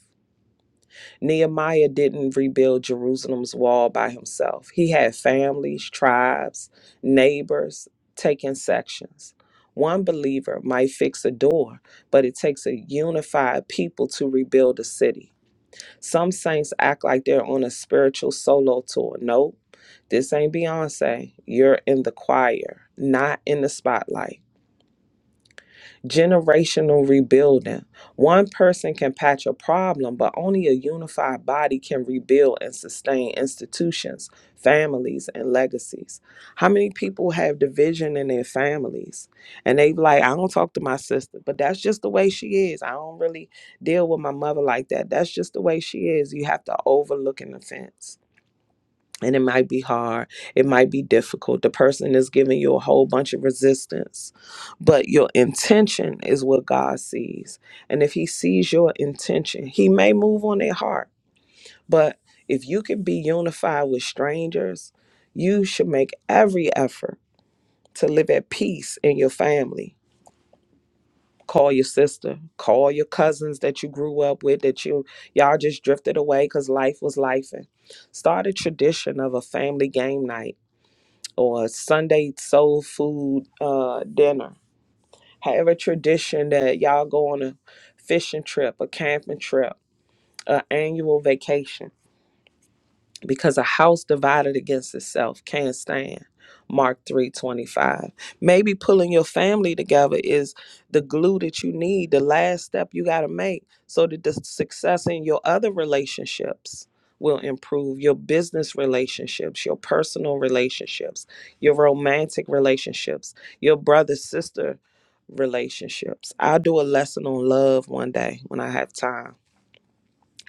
Speaker 3: Nehemiah didn't rebuild Jerusalem's wall by himself. He had families, tribes, neighbors taking sections. One believer might fix a door, but it takes a unified people to rebuild a city. Some saints act like they're on a spiritual solo tour. Nope, this ain't Beyonce. You're in the choir, not in the spotlight generational rebuilding. One person can patch a problem, but only a unified body can rebuild and sustain institutions, families, and legacies. How many people have division in their families? And they like, I don't talk to my sister, but that's just the way she is. I don't really deal with my mother like that. That's just the way she is. You have to overlook an offense and it might be hard it might be difficult the person is giving you a whole bunch of resistance but your intention is what god sees and if he sees your intention he may move on their heart but if you can be unified with strangers you should make every effort to live at peace in your family call your sister call your cousins that you grew up with that you y'all just drifted away because life was life start a tradition of a family game night or Sunday soul food uh, dinner. However, tradition that y'all go on a fishing trip, a camping trip, an annual vacation because a house divided against itself can't stand mark 325 maybe pulling your family together is the glue that you need the last step you got to make so that the success in your other relationships will improve your business relationships your personal relationships your romantic relationships your brother sister relationships i'll do a lesson on love one day when i have time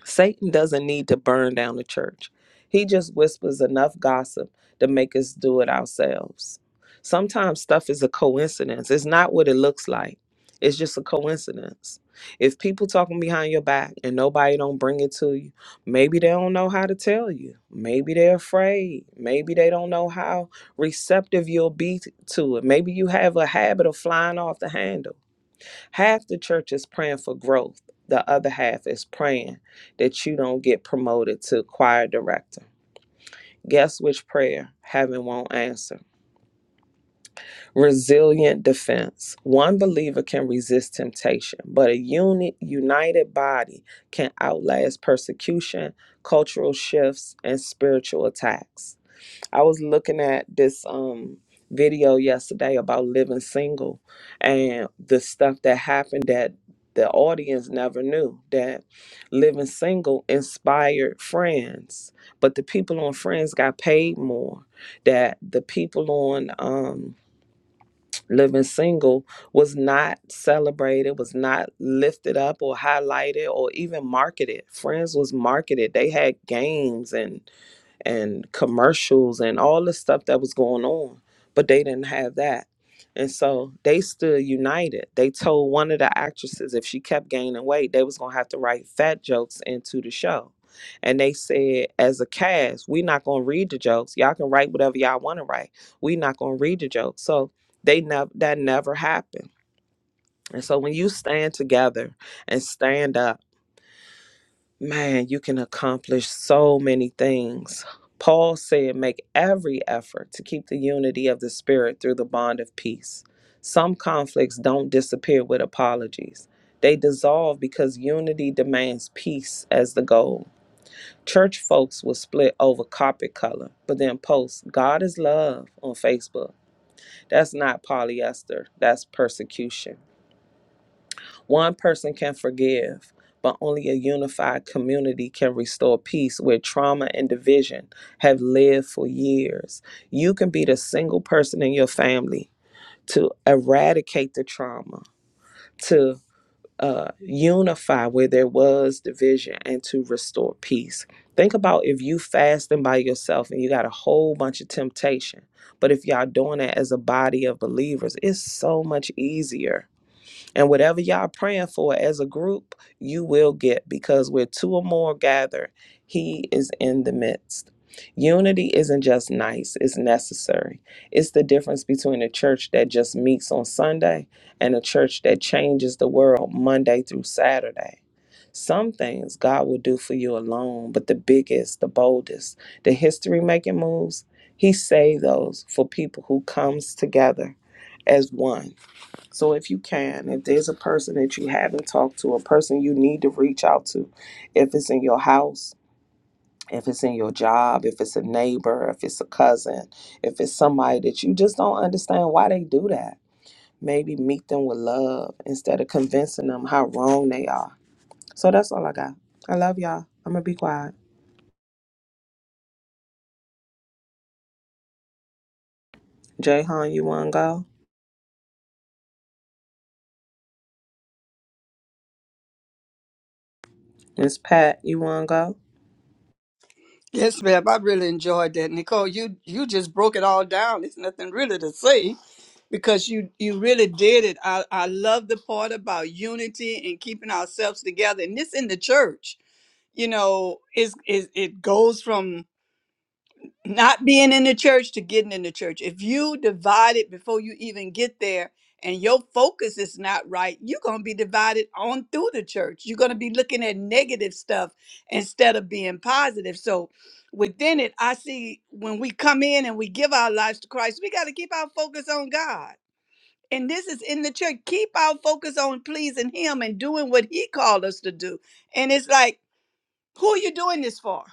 Speaker 3: Satan doesn't need to burn down the church. He just whispers enough gossip to make us do it ourselves. Sometimes stuff is a coincidence. It's not what it looks like. It's just a coincidence. If people talking behind your back and nobody don't bring it to you, maybe they don't know how to tell you. Maybe they're afraid. Maybe they don't know how receptive you'll be t- to it. Maybe you have a habit of flying off the handle Half the church is praying for growth, the other half is praying that you don't get promoted to choir director. Guess which prayer heaven won't answer? Resilient defense. One believer can resist temptation, but a unit, united body can outlast persecution, cultural shifts, and spiritual attacks. I was looking at this um video yesterday about living single and the stuff that happened that the audience never knew that living single inspired friends but the people on friends got paid more that the people on um living single was not celebrated was not lifted up or highlighted or even marketed friends was marketed they had games and and commercials and all the stuff that was going on, but they didn't have that. And so they stood united. They told one of the actresses if she kept gaining weight, they was gonna have to write fat jokes into the show. And they said, as a cast, we're not gonna read the jokes. Y'all can write whatever y'all want to write. We're not gonna read the jokes. So they never that never happened. And so when you stand together and stand up man, you can accomplish so many things. Paul said, make every effort to keep the unity of the Spirit through the bond of peace. Some conflicts don't disappear with apologies, they dissolve because unity demands peace as the goal. Church folks will split over carpet color, but then post God is love on Facebook. That's not polyester, that's persecution. One person can forgive, but only a unified community can restore peace where trauma and division have lived for years. You can be the single person in your family to eradicate the trauma, to uh, unify where there was division, and to restore peace. Think about if you fasting by yourself and you got a whole bunch of temptation. But if y'all doing that as a body of believers, it's so much easier and whatever y'all praying for as a group, you will get because where two or more gather, he is in the midst. Unity isn't just nice, it's necessary. It's the difference between a church that just meets on Sunday and a church that changes the world Monday through Saturday. Some things God will do for you alone, but the biggest, the boldest, the history making moves, he saved those for people who comes together as one so if you can, if there's a person that you haven't talked to, a person you need to reach out to, if it's in your house, if it's in your job, if it's a neighbor, if it's a cousin, if it's somebody that you just don't understand why they do that, maybe meet them with love instead of convincing them how wrong they are. So that's all I got. I love y'all. I'm gonna be quiet. Jayhan, you wanna go? Miss Pat, you wanna go?
Speaker 4: Yes, ma'am. I really enjoyed that. Nicole, you you just broke it all down. There's nothing really to say because you you really did it. I, I love the part about unity and keeping ourselves together. And this in the church, you know, is is it goes from not being in the church to getting in the church. If you divide it before you even get there and your focus is not right, you're going to be divided on through the church. You're going to be looking at negative stuff instead of being positive. So within it, I see when we come in and we give our lives to Christ, we got to keep our focus on God. And this is in the church. Keep our focus on pleasing Him and doing what He called us to do. And it's like, who are you doing this for?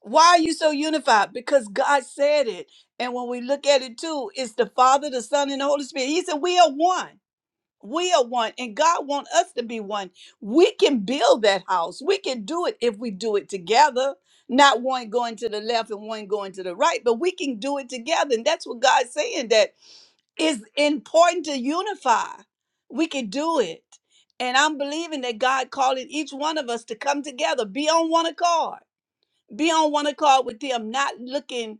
Speaker 4: Why are you so unified? Because God said it. And when we look at it too, it's the Father, the Son, and the Holy Spirit. He said, We are one. We are one. And God wants us to be one. We can build that house. We can do it if we do it together. Not one going to the left and one going to the right, but we can do it together. And that's what God's saying that it's important to unify. We can do it. And I'm believing that God calling each one of us to come together, be on one accord be on one accord with them, not looking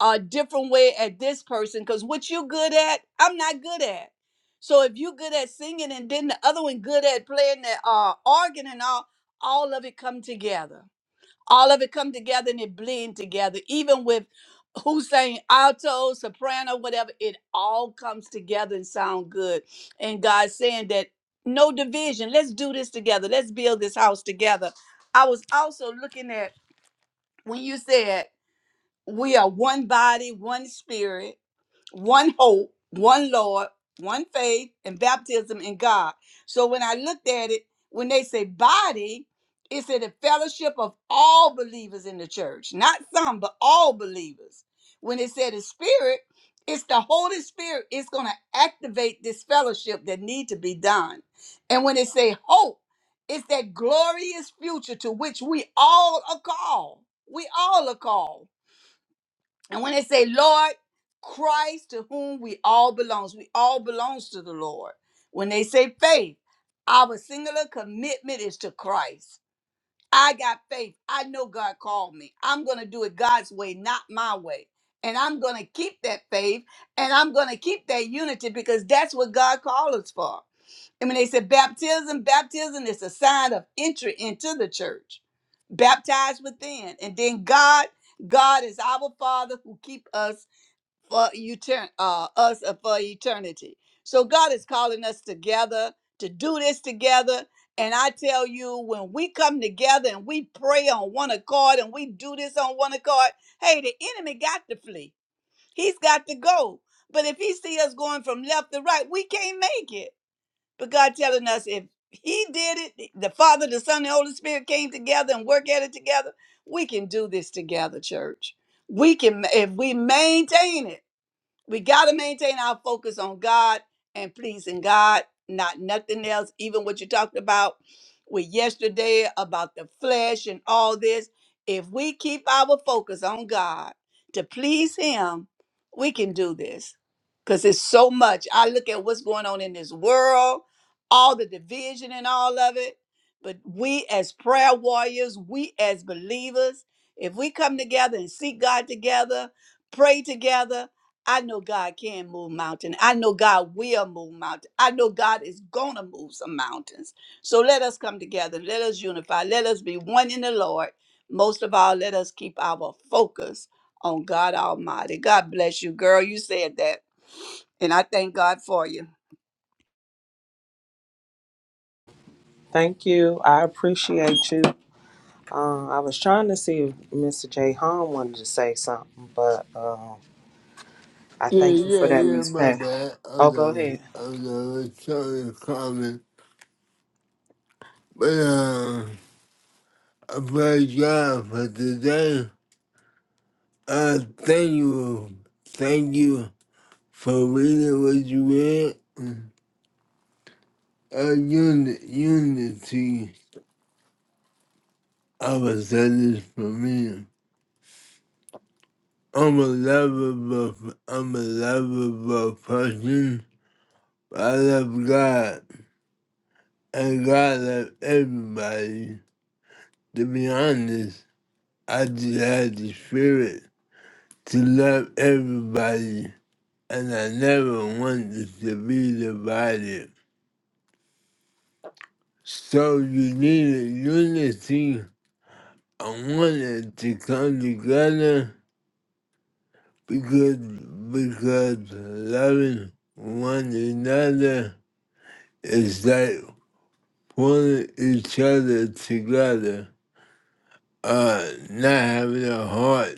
Speaker 4: a different way at this person. Cause what you good at, I'm not good at. So if you good at singing and then the other one good at playing the uh, organ and all, all of it come together. All of it come together and it blend together. Even with who sang alto, soprano, whatever, it all comes together and sound good. And God's saying that no division. Let's do this together. Let's build this house together. I was also looking at when you said we are one body, one spirit, one hope, one Lord, one faith, and baptism in God. So when I looked at it, when they say body, it's in the fellowship of all believers in the church, not some, but all believers. When it said the spirit, it's the Holy Spirit. It's going to activate this fellowship that need to be done. And when it say hope, it's that glorious future to which we all are called. We all are called. And when they say Lord, Christ to whom we all belongs, we all belongs to the Lord. When they say faith, our singular commitment is to Christ. I got faith. I know God called me. I'm going to do it God's way, not my way. And I'm going to keep that faith and I'm going to keep that unity because that's what God called us for. And when they said baptism, baptism is a sign of entry into the church, baptized within. And then God, God is our Father who keep us for etern- uh, us for eternity. So God is calling us together to do this together. And I tell you, when we come together and we pray on one accord and we do this on one accord, hey, the enemy got to flee. He's got to go. But if he see us going from left to right, we can't make it. But God telling us if He did it, the Father, the Son, and the Holy Spirit came together and work at it together. We can do this together, church. We can if we maintain it. We got to maintain our focus on God and pleasing God, not nothing else. Even what you talked about with yesterday about the flesh and all this. If we keep our focus on God to please Him, we can do this because it's so much. I look at what's going on in this world, all the division and all of it. But we, as prayer warriors, we, as believers, if we come together and seek God together, pray together, I know God can move mountains. I know God will move mountains. I know God is going to move some mountains. So let us come together. Let us unify. Let us be one in the Lord. Most of all, let us keep our focus on God Almighty. God bless you, girl. You said that. And I thank God for you.
Speaker 3: Thank you. I appreciate you. Uh, I was trying to see if Mr. J. Hahn wanted to say something, but um, I thank you
Speaker 2: Yeah,
Speaker 3: for
Speaker 2: yeah,
Speaker 3: that,
Speaker 2: yeah,
Speaker 3: Miss
Speaker 2: my
Speaker 3: Pat.
Speaker 2: bad. I
Speaker 3: Oh, go
Speaker 2: was,
Speaker 3: ahead.
Speaker 2: I was trying to comment. But, uh, I praise God for today. Uh, thank you. Thank you. For reading what you read, a unit, unity of a sentence for me. I'm a lovable, I'm a lovable person. I love God, and God loves everybody. To be honest, I just had the spirit to love everybody, and I never wanted to be divided. So you need a unity I wanted to come together because because loving one another is like pulling each other together. Uh, not having a heart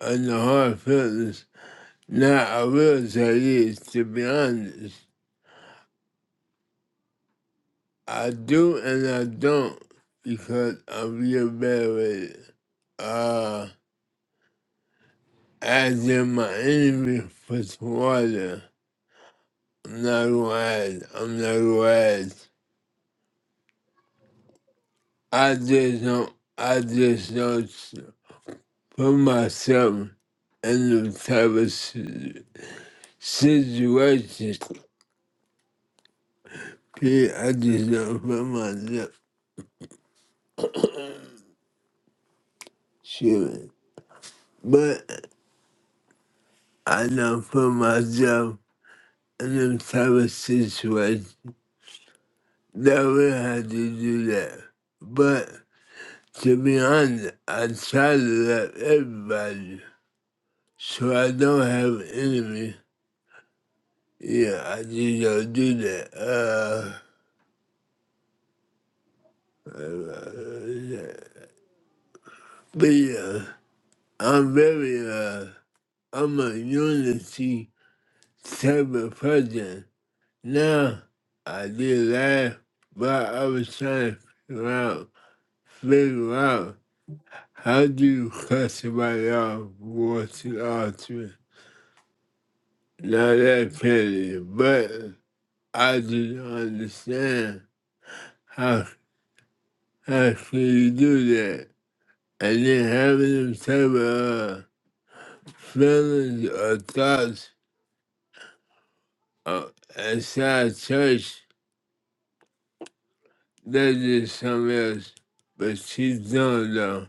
Speaker 2: and the hard feelings. Now I will say this to be honest. I do and I don't because I'm real bad with it. Uh, as in my enemy for water. No red. I'm no red. I just don't. I just don't s- put myself in the type of si- situation. Yeah, I just don't put myself. Shit. But I don't put myself in the type of situation that would have to do that. But to be honest, I try to love everybody, so I don't have enemies. Yeah, I just don't do that. Uh, uh, yeah. but yeah, I'm very, uh, I'm a unity type of person. Now, I did laugh, but I was trying to figure out, figure out how do you cut somebody off watching altar. Now that petty, but I just don't understand how, how can you do that? and then having some uh, feelings or thoughts uh, inside church, that's just something else. But she's done though.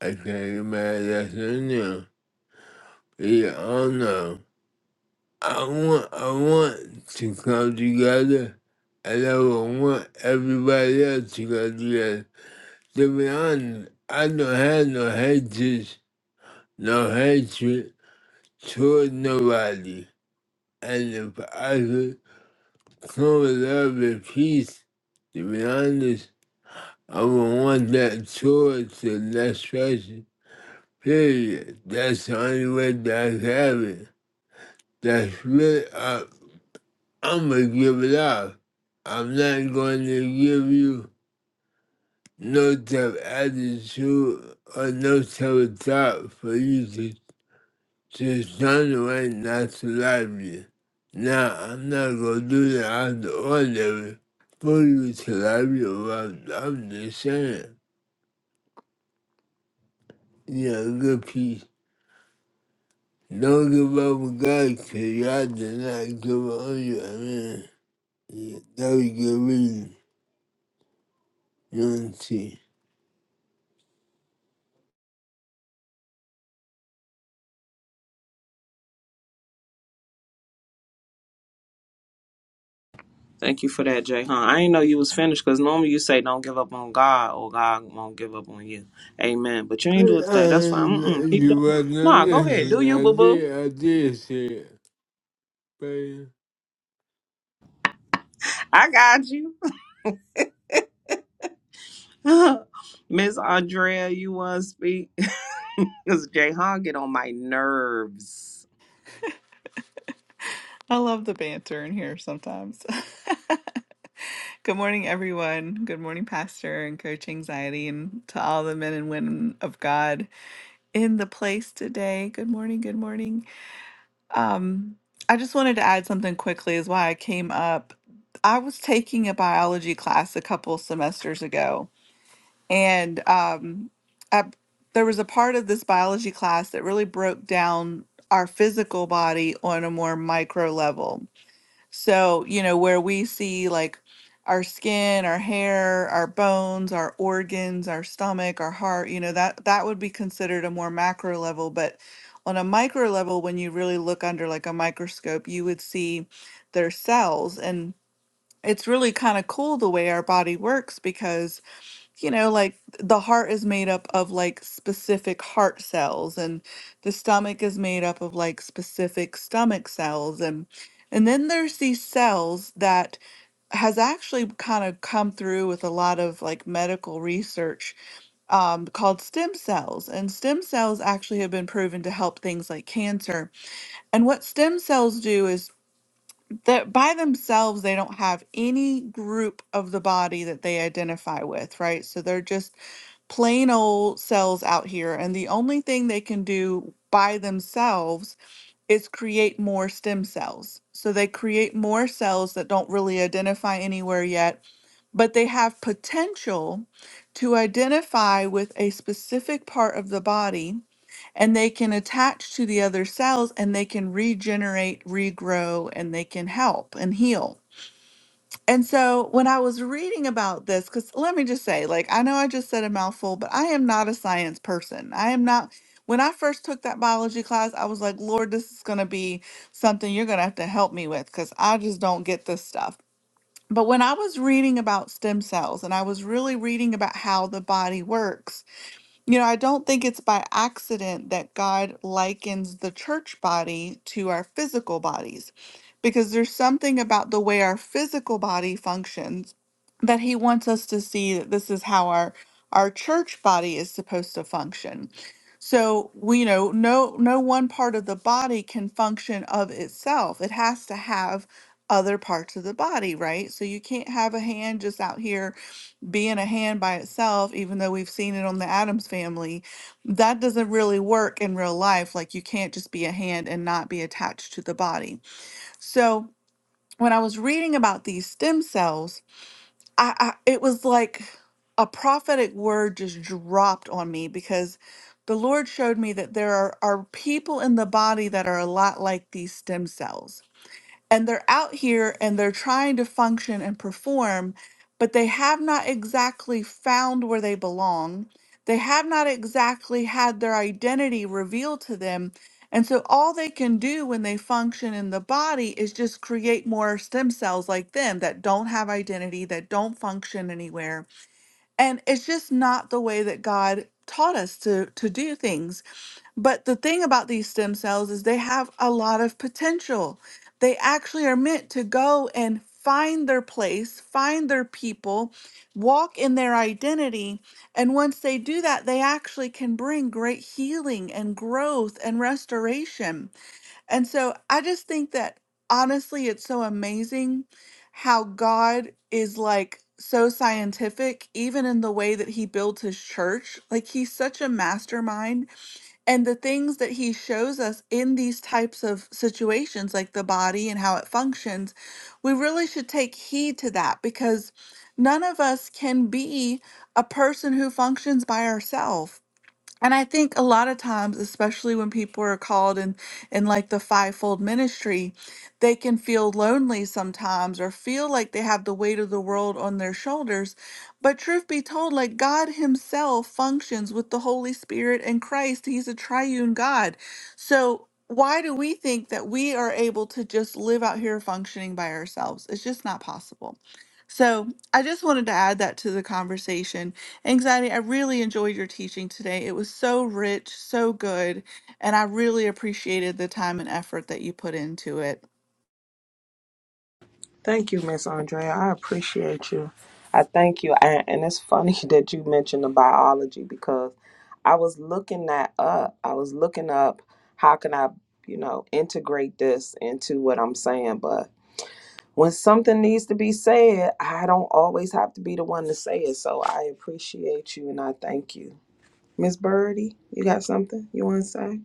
Speaker 2: I can't get mad at that thing now. Yeah, I don't know. I want, I want to come together, and I would want everybody else to come together. To be honest, I don't have no hatred, no hatred toward nobody. And if I could come with love and peace. To be honest, I would want that sword to the next person. Period. That's the only way that I can have it. That's me. I, I'm going to give it up. I'm not going to give you no type of attitude or no type of thought for you to She's turned away not to love you. Now I'm not gonna do that out of the ordinary for you to love you. but I'm just saying, you know, good peace. Don't give up on God because God did not give up on you. I mean, yeah, that was good reason. You want to see.
Speaker 3: Thank you for that, Jay Hahn. I didn't know you was finished because normally you say don't give up on God or God won't give up on you. Amen. But you
Speaker 2: I,
Speaker 3: ain't do it today. That's fine.
Speaker 2: I,
Speaker 3: Mm-mm. Keep
Speaker 2: you
Speaker 3: doing. Nah,
Speaker 2: wasn't
Speaker 3: go ahead. Do
Speaker 2: listening.
Speaker 3: you,
Speaker 2: I
Speaker 3: boo boo?
Speaker 2: did, I did say it.
Speaker 3: I got you. Miss Andrea, you want to speak? Because Jay Hahn get on my nerves.
Speaker 5: I love the banter in here sometimes. Good morning, everyone. Good morning, Pastor and Coach Anxiety, and to all the men and women of God in the place today. Good morning. Good morning. Um, I just wanted to add something quickly, is why I came up. I was taking a biology class a couple semesters ago, and um, I, there was a part of this biology class that really broke down our physical body on a more micro level so, you know, where we see like our skin, our hair, our bones, our organs, our stomach, our heart, you know, that that would be considered a more macro level, but on a micro level when you really look under like a microscope, you would see their cells and it's really kind of cool the way our body works because you know, like the heart is made up of like specific heart cells and the stomach is made up of like specific stomach cells and and then there's these cells that has actually kind of come through with a lot of like medical research um, called stem cells and stem cells actually have been proven to help things like cancer and what stem cells do is that by themselves they don't have any group of the body that they identify with right so they're just plain old cells out here, and the only thing they can do by themselves is create more stem cells. So they create more cells that don't really identify anywhere yet, but they have potential to identify with a specific part of the body and they can attach to the other cells and they can regenerate, regrow, and they can help and heal. And so when I was reading about this, because let me just say, like, I know I just said a mouthful, but I am not a science person. I am not. When I first took that biology class, I was like, Lord, this is going to be something you're going to have to help me with because I just don't get this stuff. But when I was reading about stem cells and I was really reading about how the body works, you know, I don't think it's by accident that God likens the church body to our physical bodies, because there's something about the way our physical body functions that He wants us to see that this is how our our church body is supposed to function. So we you know no no one part of the body can function of itself. It has to have other parts of the body, right? So you can't have a hand just out here being a hand by itself, even though we've seen it on the Adams family, that doesn't really work in real life. Like you can't just be a hand and not be attached to the body. So when I was reading about these stem cells, I, I it was like a prophetic word just dropped on me because the Lord showed me that there are, are people in the body that are a lot like these stem cells and they're out here and they're trying to function and perform, but they have not exactly found where they belong. They have not exactly had their identity revealed to them. And so all they can do when they function in the body is just create more stem cells like them that don't have identity, that don't function anywhere. And it's just not the way that God taught us to to do things. But the thing about these stem cells is they have a lot of potential. They actually are meant to go and find their place, find their people, walk in their identity. And once they do that, they actually can bring great healing and growth and restoration. And so I just think that honestly, it's so amazing how God is like so scientific, even in the way that he builds his church. Like he's such a mastermind and the things that he shows us in these types of situations like the body and how it functions we really should take heed to that because none of us can be a person who functions by ourselves and I think a lot of times, especially when people are called in, in like the fivefold ministry, they can feel lonely sometimes or feel like they have the weight of the world on their shoulders. But truth be told, like God Himself functions with the Holy Spirit and Christ, He's a triune God. So why do we think that we are able to just live out here functioning by ourselves? It's just not possible. So I just wanted to add that to the conversation Anxiety, I really enjoyed your teaching today. It was so rich, so good, and I really appreciated the time and effort that you put into it.
Speaker 3: Thank you, Miss Andrea. I appreciate you. I thank you. And, and it's funny that you mentioned the biology because I was looking that up. I was looking up how can I, you know, integrate this into what I'm saying. But when something needs to be said, I don't always have to be the one to say it. So I appreciate you and I thank you. Miss Birdie, you got something you want to say?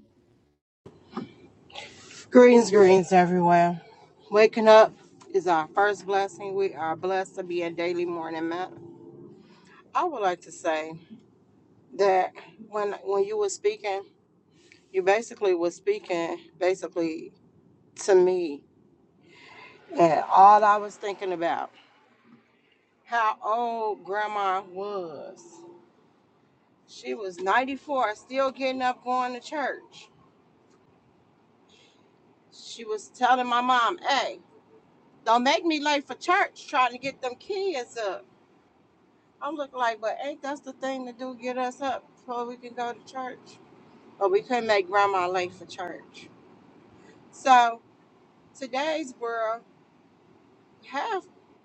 Speaker 6: Greens, greens everywhere. Waking up is our first blessing. We are blessed to be a daily morning man. I would like to say that when when you were speaking, you basically were speaking basically to me. And all I was thinking about how old grandma was. She was 94, still getting up going to church. She was telling my mom, hey, don't make me late for church trying to get them kids up. I'm looking like, but ain't that's the thing to do? Get us up before we can go to church. But we couldn't make grandma late for church. So today's world, half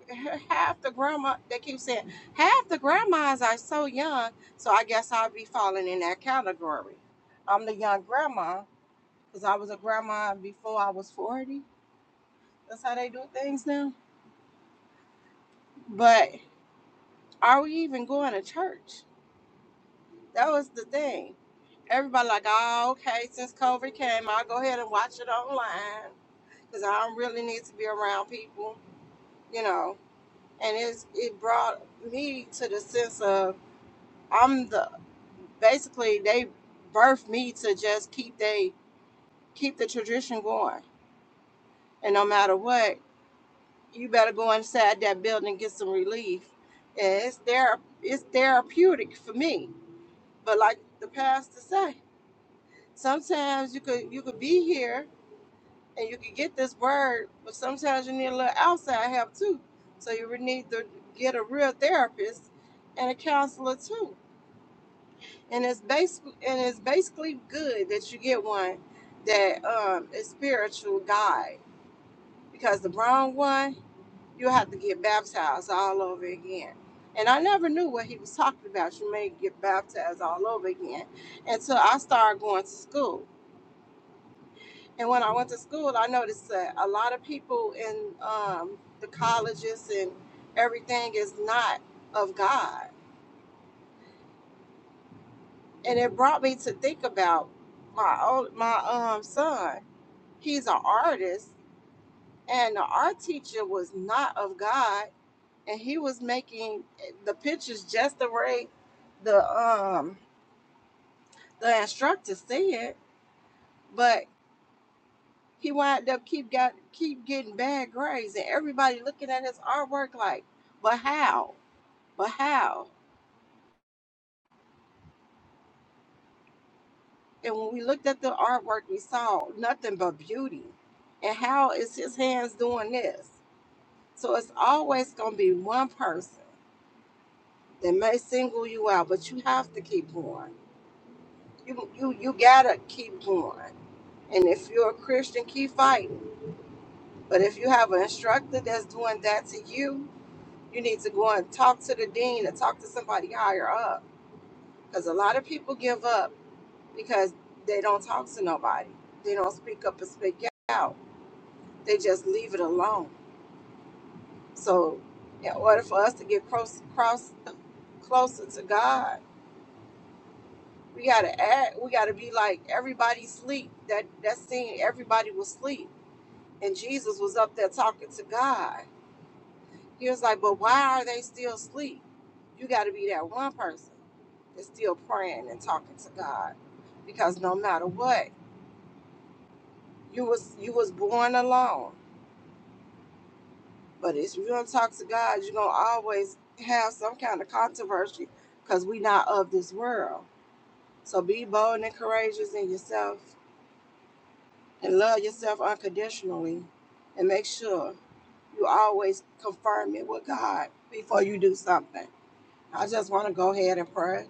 Speaker 6: half the grandma they keep saying half the grandmas are so young. So I guess I'll be falling in that category. I'm the young grandma because I was a grandma before I was forty. That's how they do things now. But are we even going to church? That was the thing Everybody like, oh, okay, since COVID came, I'll go ahead and watch it online because I don't really need to be around people, you know. And it's it brought me to the sense of I'm the basically they birthed me to just keep they keep the tradition going. And no matter what, you better go inside that building and get some relief. And it's there it's therapeutic for me. But like the pastor say, sometimes you could you could be here and you can get this word, but sometimes you need a little outside help too. So you would need to get a real therapist and a counselor too. And it's basically and it's basically good that you get one that um, is spiritual guide because the wrong one you will have to get baptized all over again. And I never knew what he was talking about. You may get baptized all over again until I started going to school. And when I went to school, I noticed that a lot of people in um, the colleges and everything is not of God. And it brought me to think about my old, my um son. He's an artist, and the art teacher was not of God, and he was making eh, the pictures just the way the um the instructor said, but he wound up keep got keep getting bad grades, and everybody looking at his artwork like, but how? But how? And when we looked at the artwork, we saw nothing but beauty. And how is his hands doing this? So it's always going to be one person that may single you out, but you have to keep going. You, you, you got to keep going. And if you're a Christian, keep fighting. But if you have an instructor that's doing that to you, you need to go and talk to the dean or talk to somebody higher up. Because a lot of people give up because they don't talk to nobody. They don't speak up and speak out. They just leave it alone. So, in order for us to get close, cross, closer to God, we gotta act. We gotta be like everybody sleep. That that scene, everybody was sleep, and Jesus was up there talking to God. He was like, "But why are they still asleep? You gotta be that one person that's still praying and talking to God, because no matter what, you was you was born alone. But if you're gonna talk to God, you're gonna always have some kind of controversy because we not of this world. So be bold and courageous in yourself and love yourself unconditionally and make sure you always confirm it with God before you do something. I just want to go ahead and pray.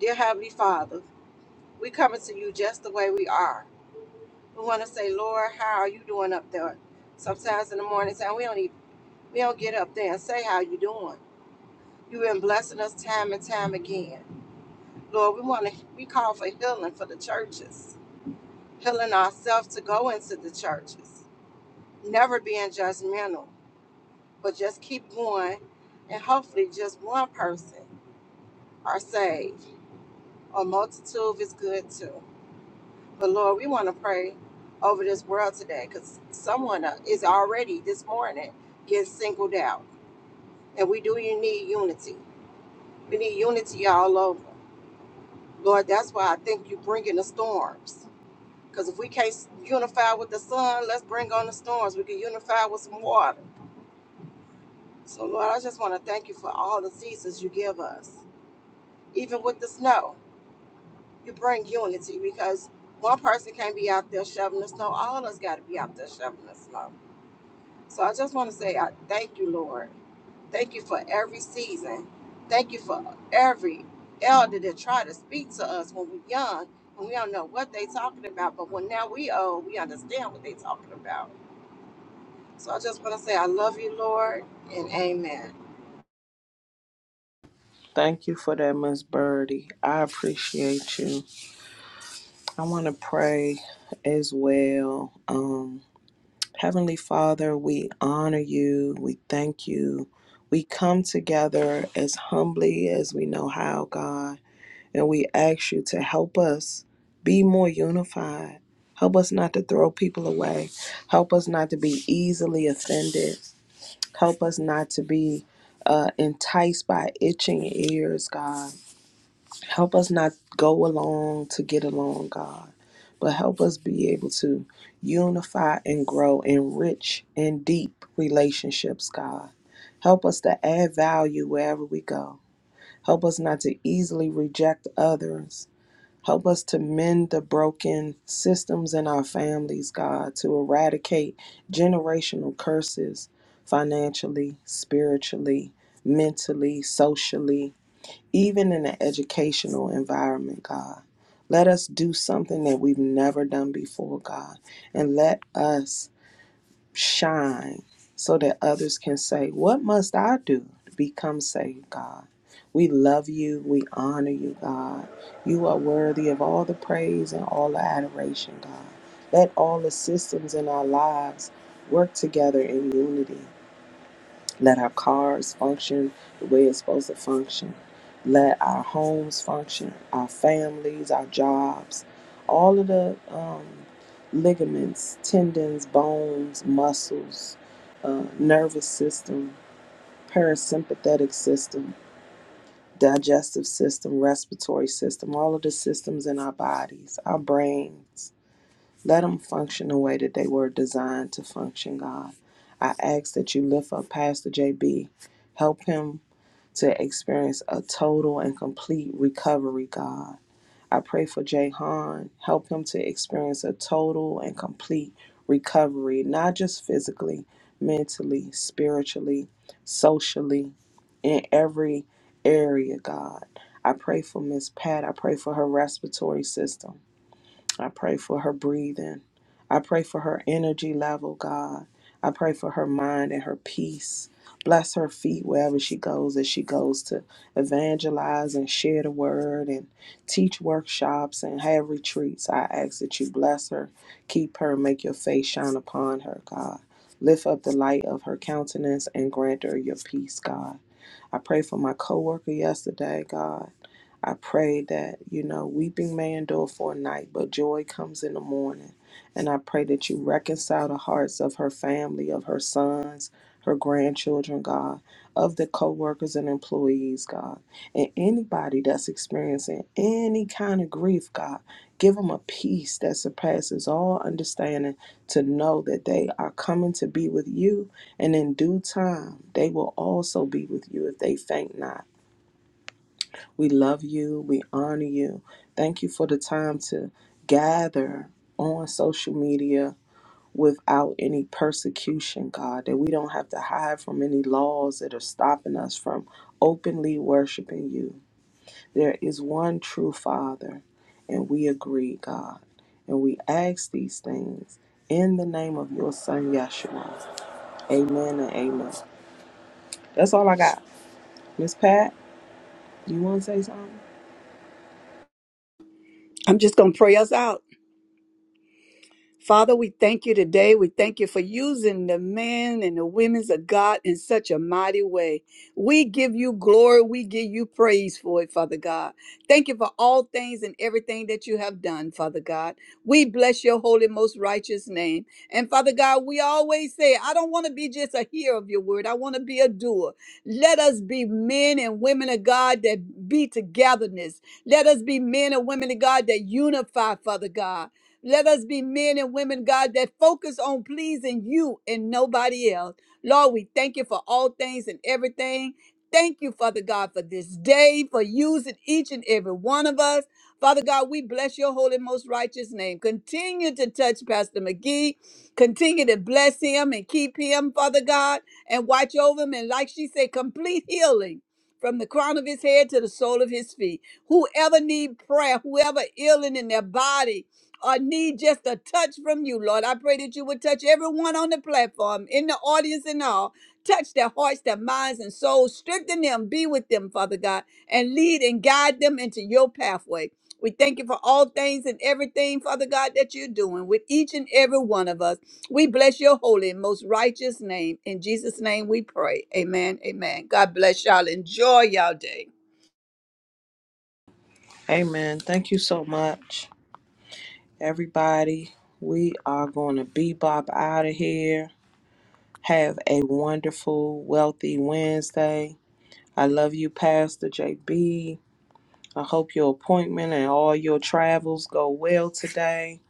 Speaker 6: Dear Heavenly Father, we coming to you just the way we are. We want to say, Lord, how are you doing up there? Sometimes in the morning time we don't even, we don't get up there and say how you doing. You've been blessing us time and time again. Lord, we want to we call for healing for the churches, healing ourselves to go into the churches, never being judgmental, but just keep going and hopefully just one person are saved. A multitude is good too. But Lord, we want to pray over this world today because someone uh, is already this morning getting singled out. And we do need unity. We need unity all over. Lord, that's why I think you bring in the storms. Because if we can't unify with the sun, let's bring on the storms. We can unify with some water. So, Lord, I just want to thank you for all the seasons you give us. Even with the snow, you bring unity because one person can't be out there shoveling the snow. All of us got to be out there shoveling the snow. So I just want to say, I thank you, Lord. Thank you for every season. Thank you for every elder that tried to speak to us when we young and we don't know what they talking about. But when now we old, we understand what they talking about. So I just want to say, I love you, Lord, and amen.
Speaker 3: Thank you for that, Miss Birdie. I appreciate you. I want to pray as well. Um, Heavenly Father, we honor you. We thank you. We come together as humbly as we know how, God, and we ask you to help us be more unified. Help us not to throw people away. Help us not to be easily offended. Help us not to be uh, enticed by itching ears, God. Help us not go along to get along, God, but help us be able to unify and grow in rich and deep relationships, God. Help us to add value wherever we go. Help us not to easily reject others. Help us to mend the broken systems in our families, God, to eradicate generational curses financially, spiritually, mentally, socially, even in an educational environment, God. Let us do something that we've never done before, God, and let us shine so that others can say, What must I do to become saved, God? We love you. We honor you, God. You are worthy of all the praise and all the adoration, God. Let all the systems in our lives work together in unity. Let our cars function the way it's supposed to function. Let our homes function, our families, our jobs, all of the um, ligaments, tendons, bones, muscles, uh, nervous system, parasympathetic system, digestive system, respiratory system, all of the systems in our bodies, our brains. Let them function the way that they were designed to function, God. I ask that you lift up Pastor JB. Help him to experience a total and complete recovery, God. I pray for Jay Han. Help him to experience a total and complete recovery, not just physically, mentally, spiritually, socially, in every area, God. I pray for Miss Pat. I pray for her respiratory system. I pray for her breathing. I pray for her energy level, God. I pray for her mind and her peace. Bless her feet wherever she goes as she goes to evangelize and share the word and teach workshops and have retreats. I ask that you bless her, keep her, make your face shine upon her, God. Lift up the light of her countenance and grant her your peace, God. I pray for my coworker yesterday, God. I pray that, you know, weeping may endure for a night, but joy comes in the morning. And I pray that you reconcile the hearts of her family, of her sons, her grandchildren, God, of the co workers and employees, God, and anybody that's experiencing any kind of grief, God. Give them a peace that surpasses all understanding to know that they are coming to be with you, and in due time, they will also be with you if they faint not. We love you. We honor you. Thank you for the time to gather on social media without any persecution, God, that we don't have to hide from any laws that are stopping us from openly worshiping you. There is one true Father, and we agree, God. And we ask these things in the name of your Son, Yeshua. Amen and amen. That's all I got. Miss Pat, do you want to say something?
Speaker 4: I'm just going to pray us out. Father, we thank you today. We thank you for using the men and the women's of God in such a mighty way. We give you glory. We give you praise for it, Father God. Thank you for all things and everything that you have done, Father God. We bless your holy, most righteous name. And Father God, we always say, I don't want to be just a hearer of your word. I want to be a doer. Let us be men and women of God that be togetherness. Let us be men and women of God that unify, Father God. Let us be men and women, God, that focus on pleasing you and nobody else. Lord, we thank you for all things and everything. Thank you, Father God, for this day, for using each and every one of us. Father God, we bless your holy, most righteous name. Continue to touch Pastor McGee. Continue to bless him and keep him, Father God, and watch over him. And like she said, complete healing from the crown of his head to the sole of his feet. Whoever need prayer, whoever ill in their body, or need just a touch from you, Lord. I pray that you would touch everyone on the platform, in the audience, and all. Touch their hearts, their minds, and souls. Strengthen them. Be with them, Father God, and lead and guide them into your pathway. We thank you for all things and everything, Father God, that you're doing with each and every one of us. We bless your holy and most righteous name. In Jesus' name we pray. Amen. Amen. God bless y'all. Enjoy y'all day.
Speaker 3: Amen. Thank you so much. Everybody, we are going to bebop out of here. Have a wonderful, wealthy Wednesday. I love you, Pastor J B. I hope your appointment and all your travels go well today.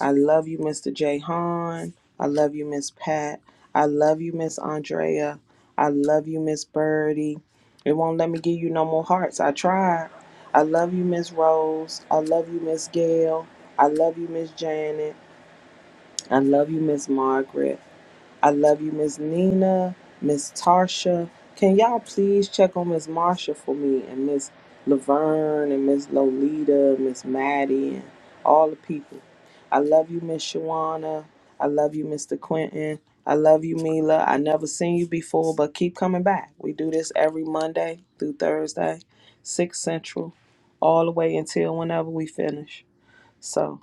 Speaker 3: I love you, Mr. J. Hahn. I love you, Miss Pat. I love you, Miss Andrea. I love you, Miss Birdie. It won't let me give you no more hearts. I tried. I love you, Miss Rose. I love you, Miss Gail. I love you, Miss Janice. I love you, Miss Margaret. I love you, Miss Nina, Miss Tarsha. Can y'all please check on Miss Marsha for me and Miss Laverne and Miss Lolita, Miss Maddie, and all the people? I love you, Miss Shawana. I love you, Mr. Quentin. I love you, Mila. I never seen you before, but keep coming back. We do this every Monday through Thursday, 6 Central, all the way until whenever we finish. So.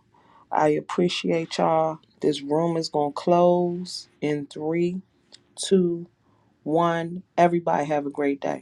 Speaker 3: I appreciate y'all. This room is going to close in three, two, one. Everybody have a great day.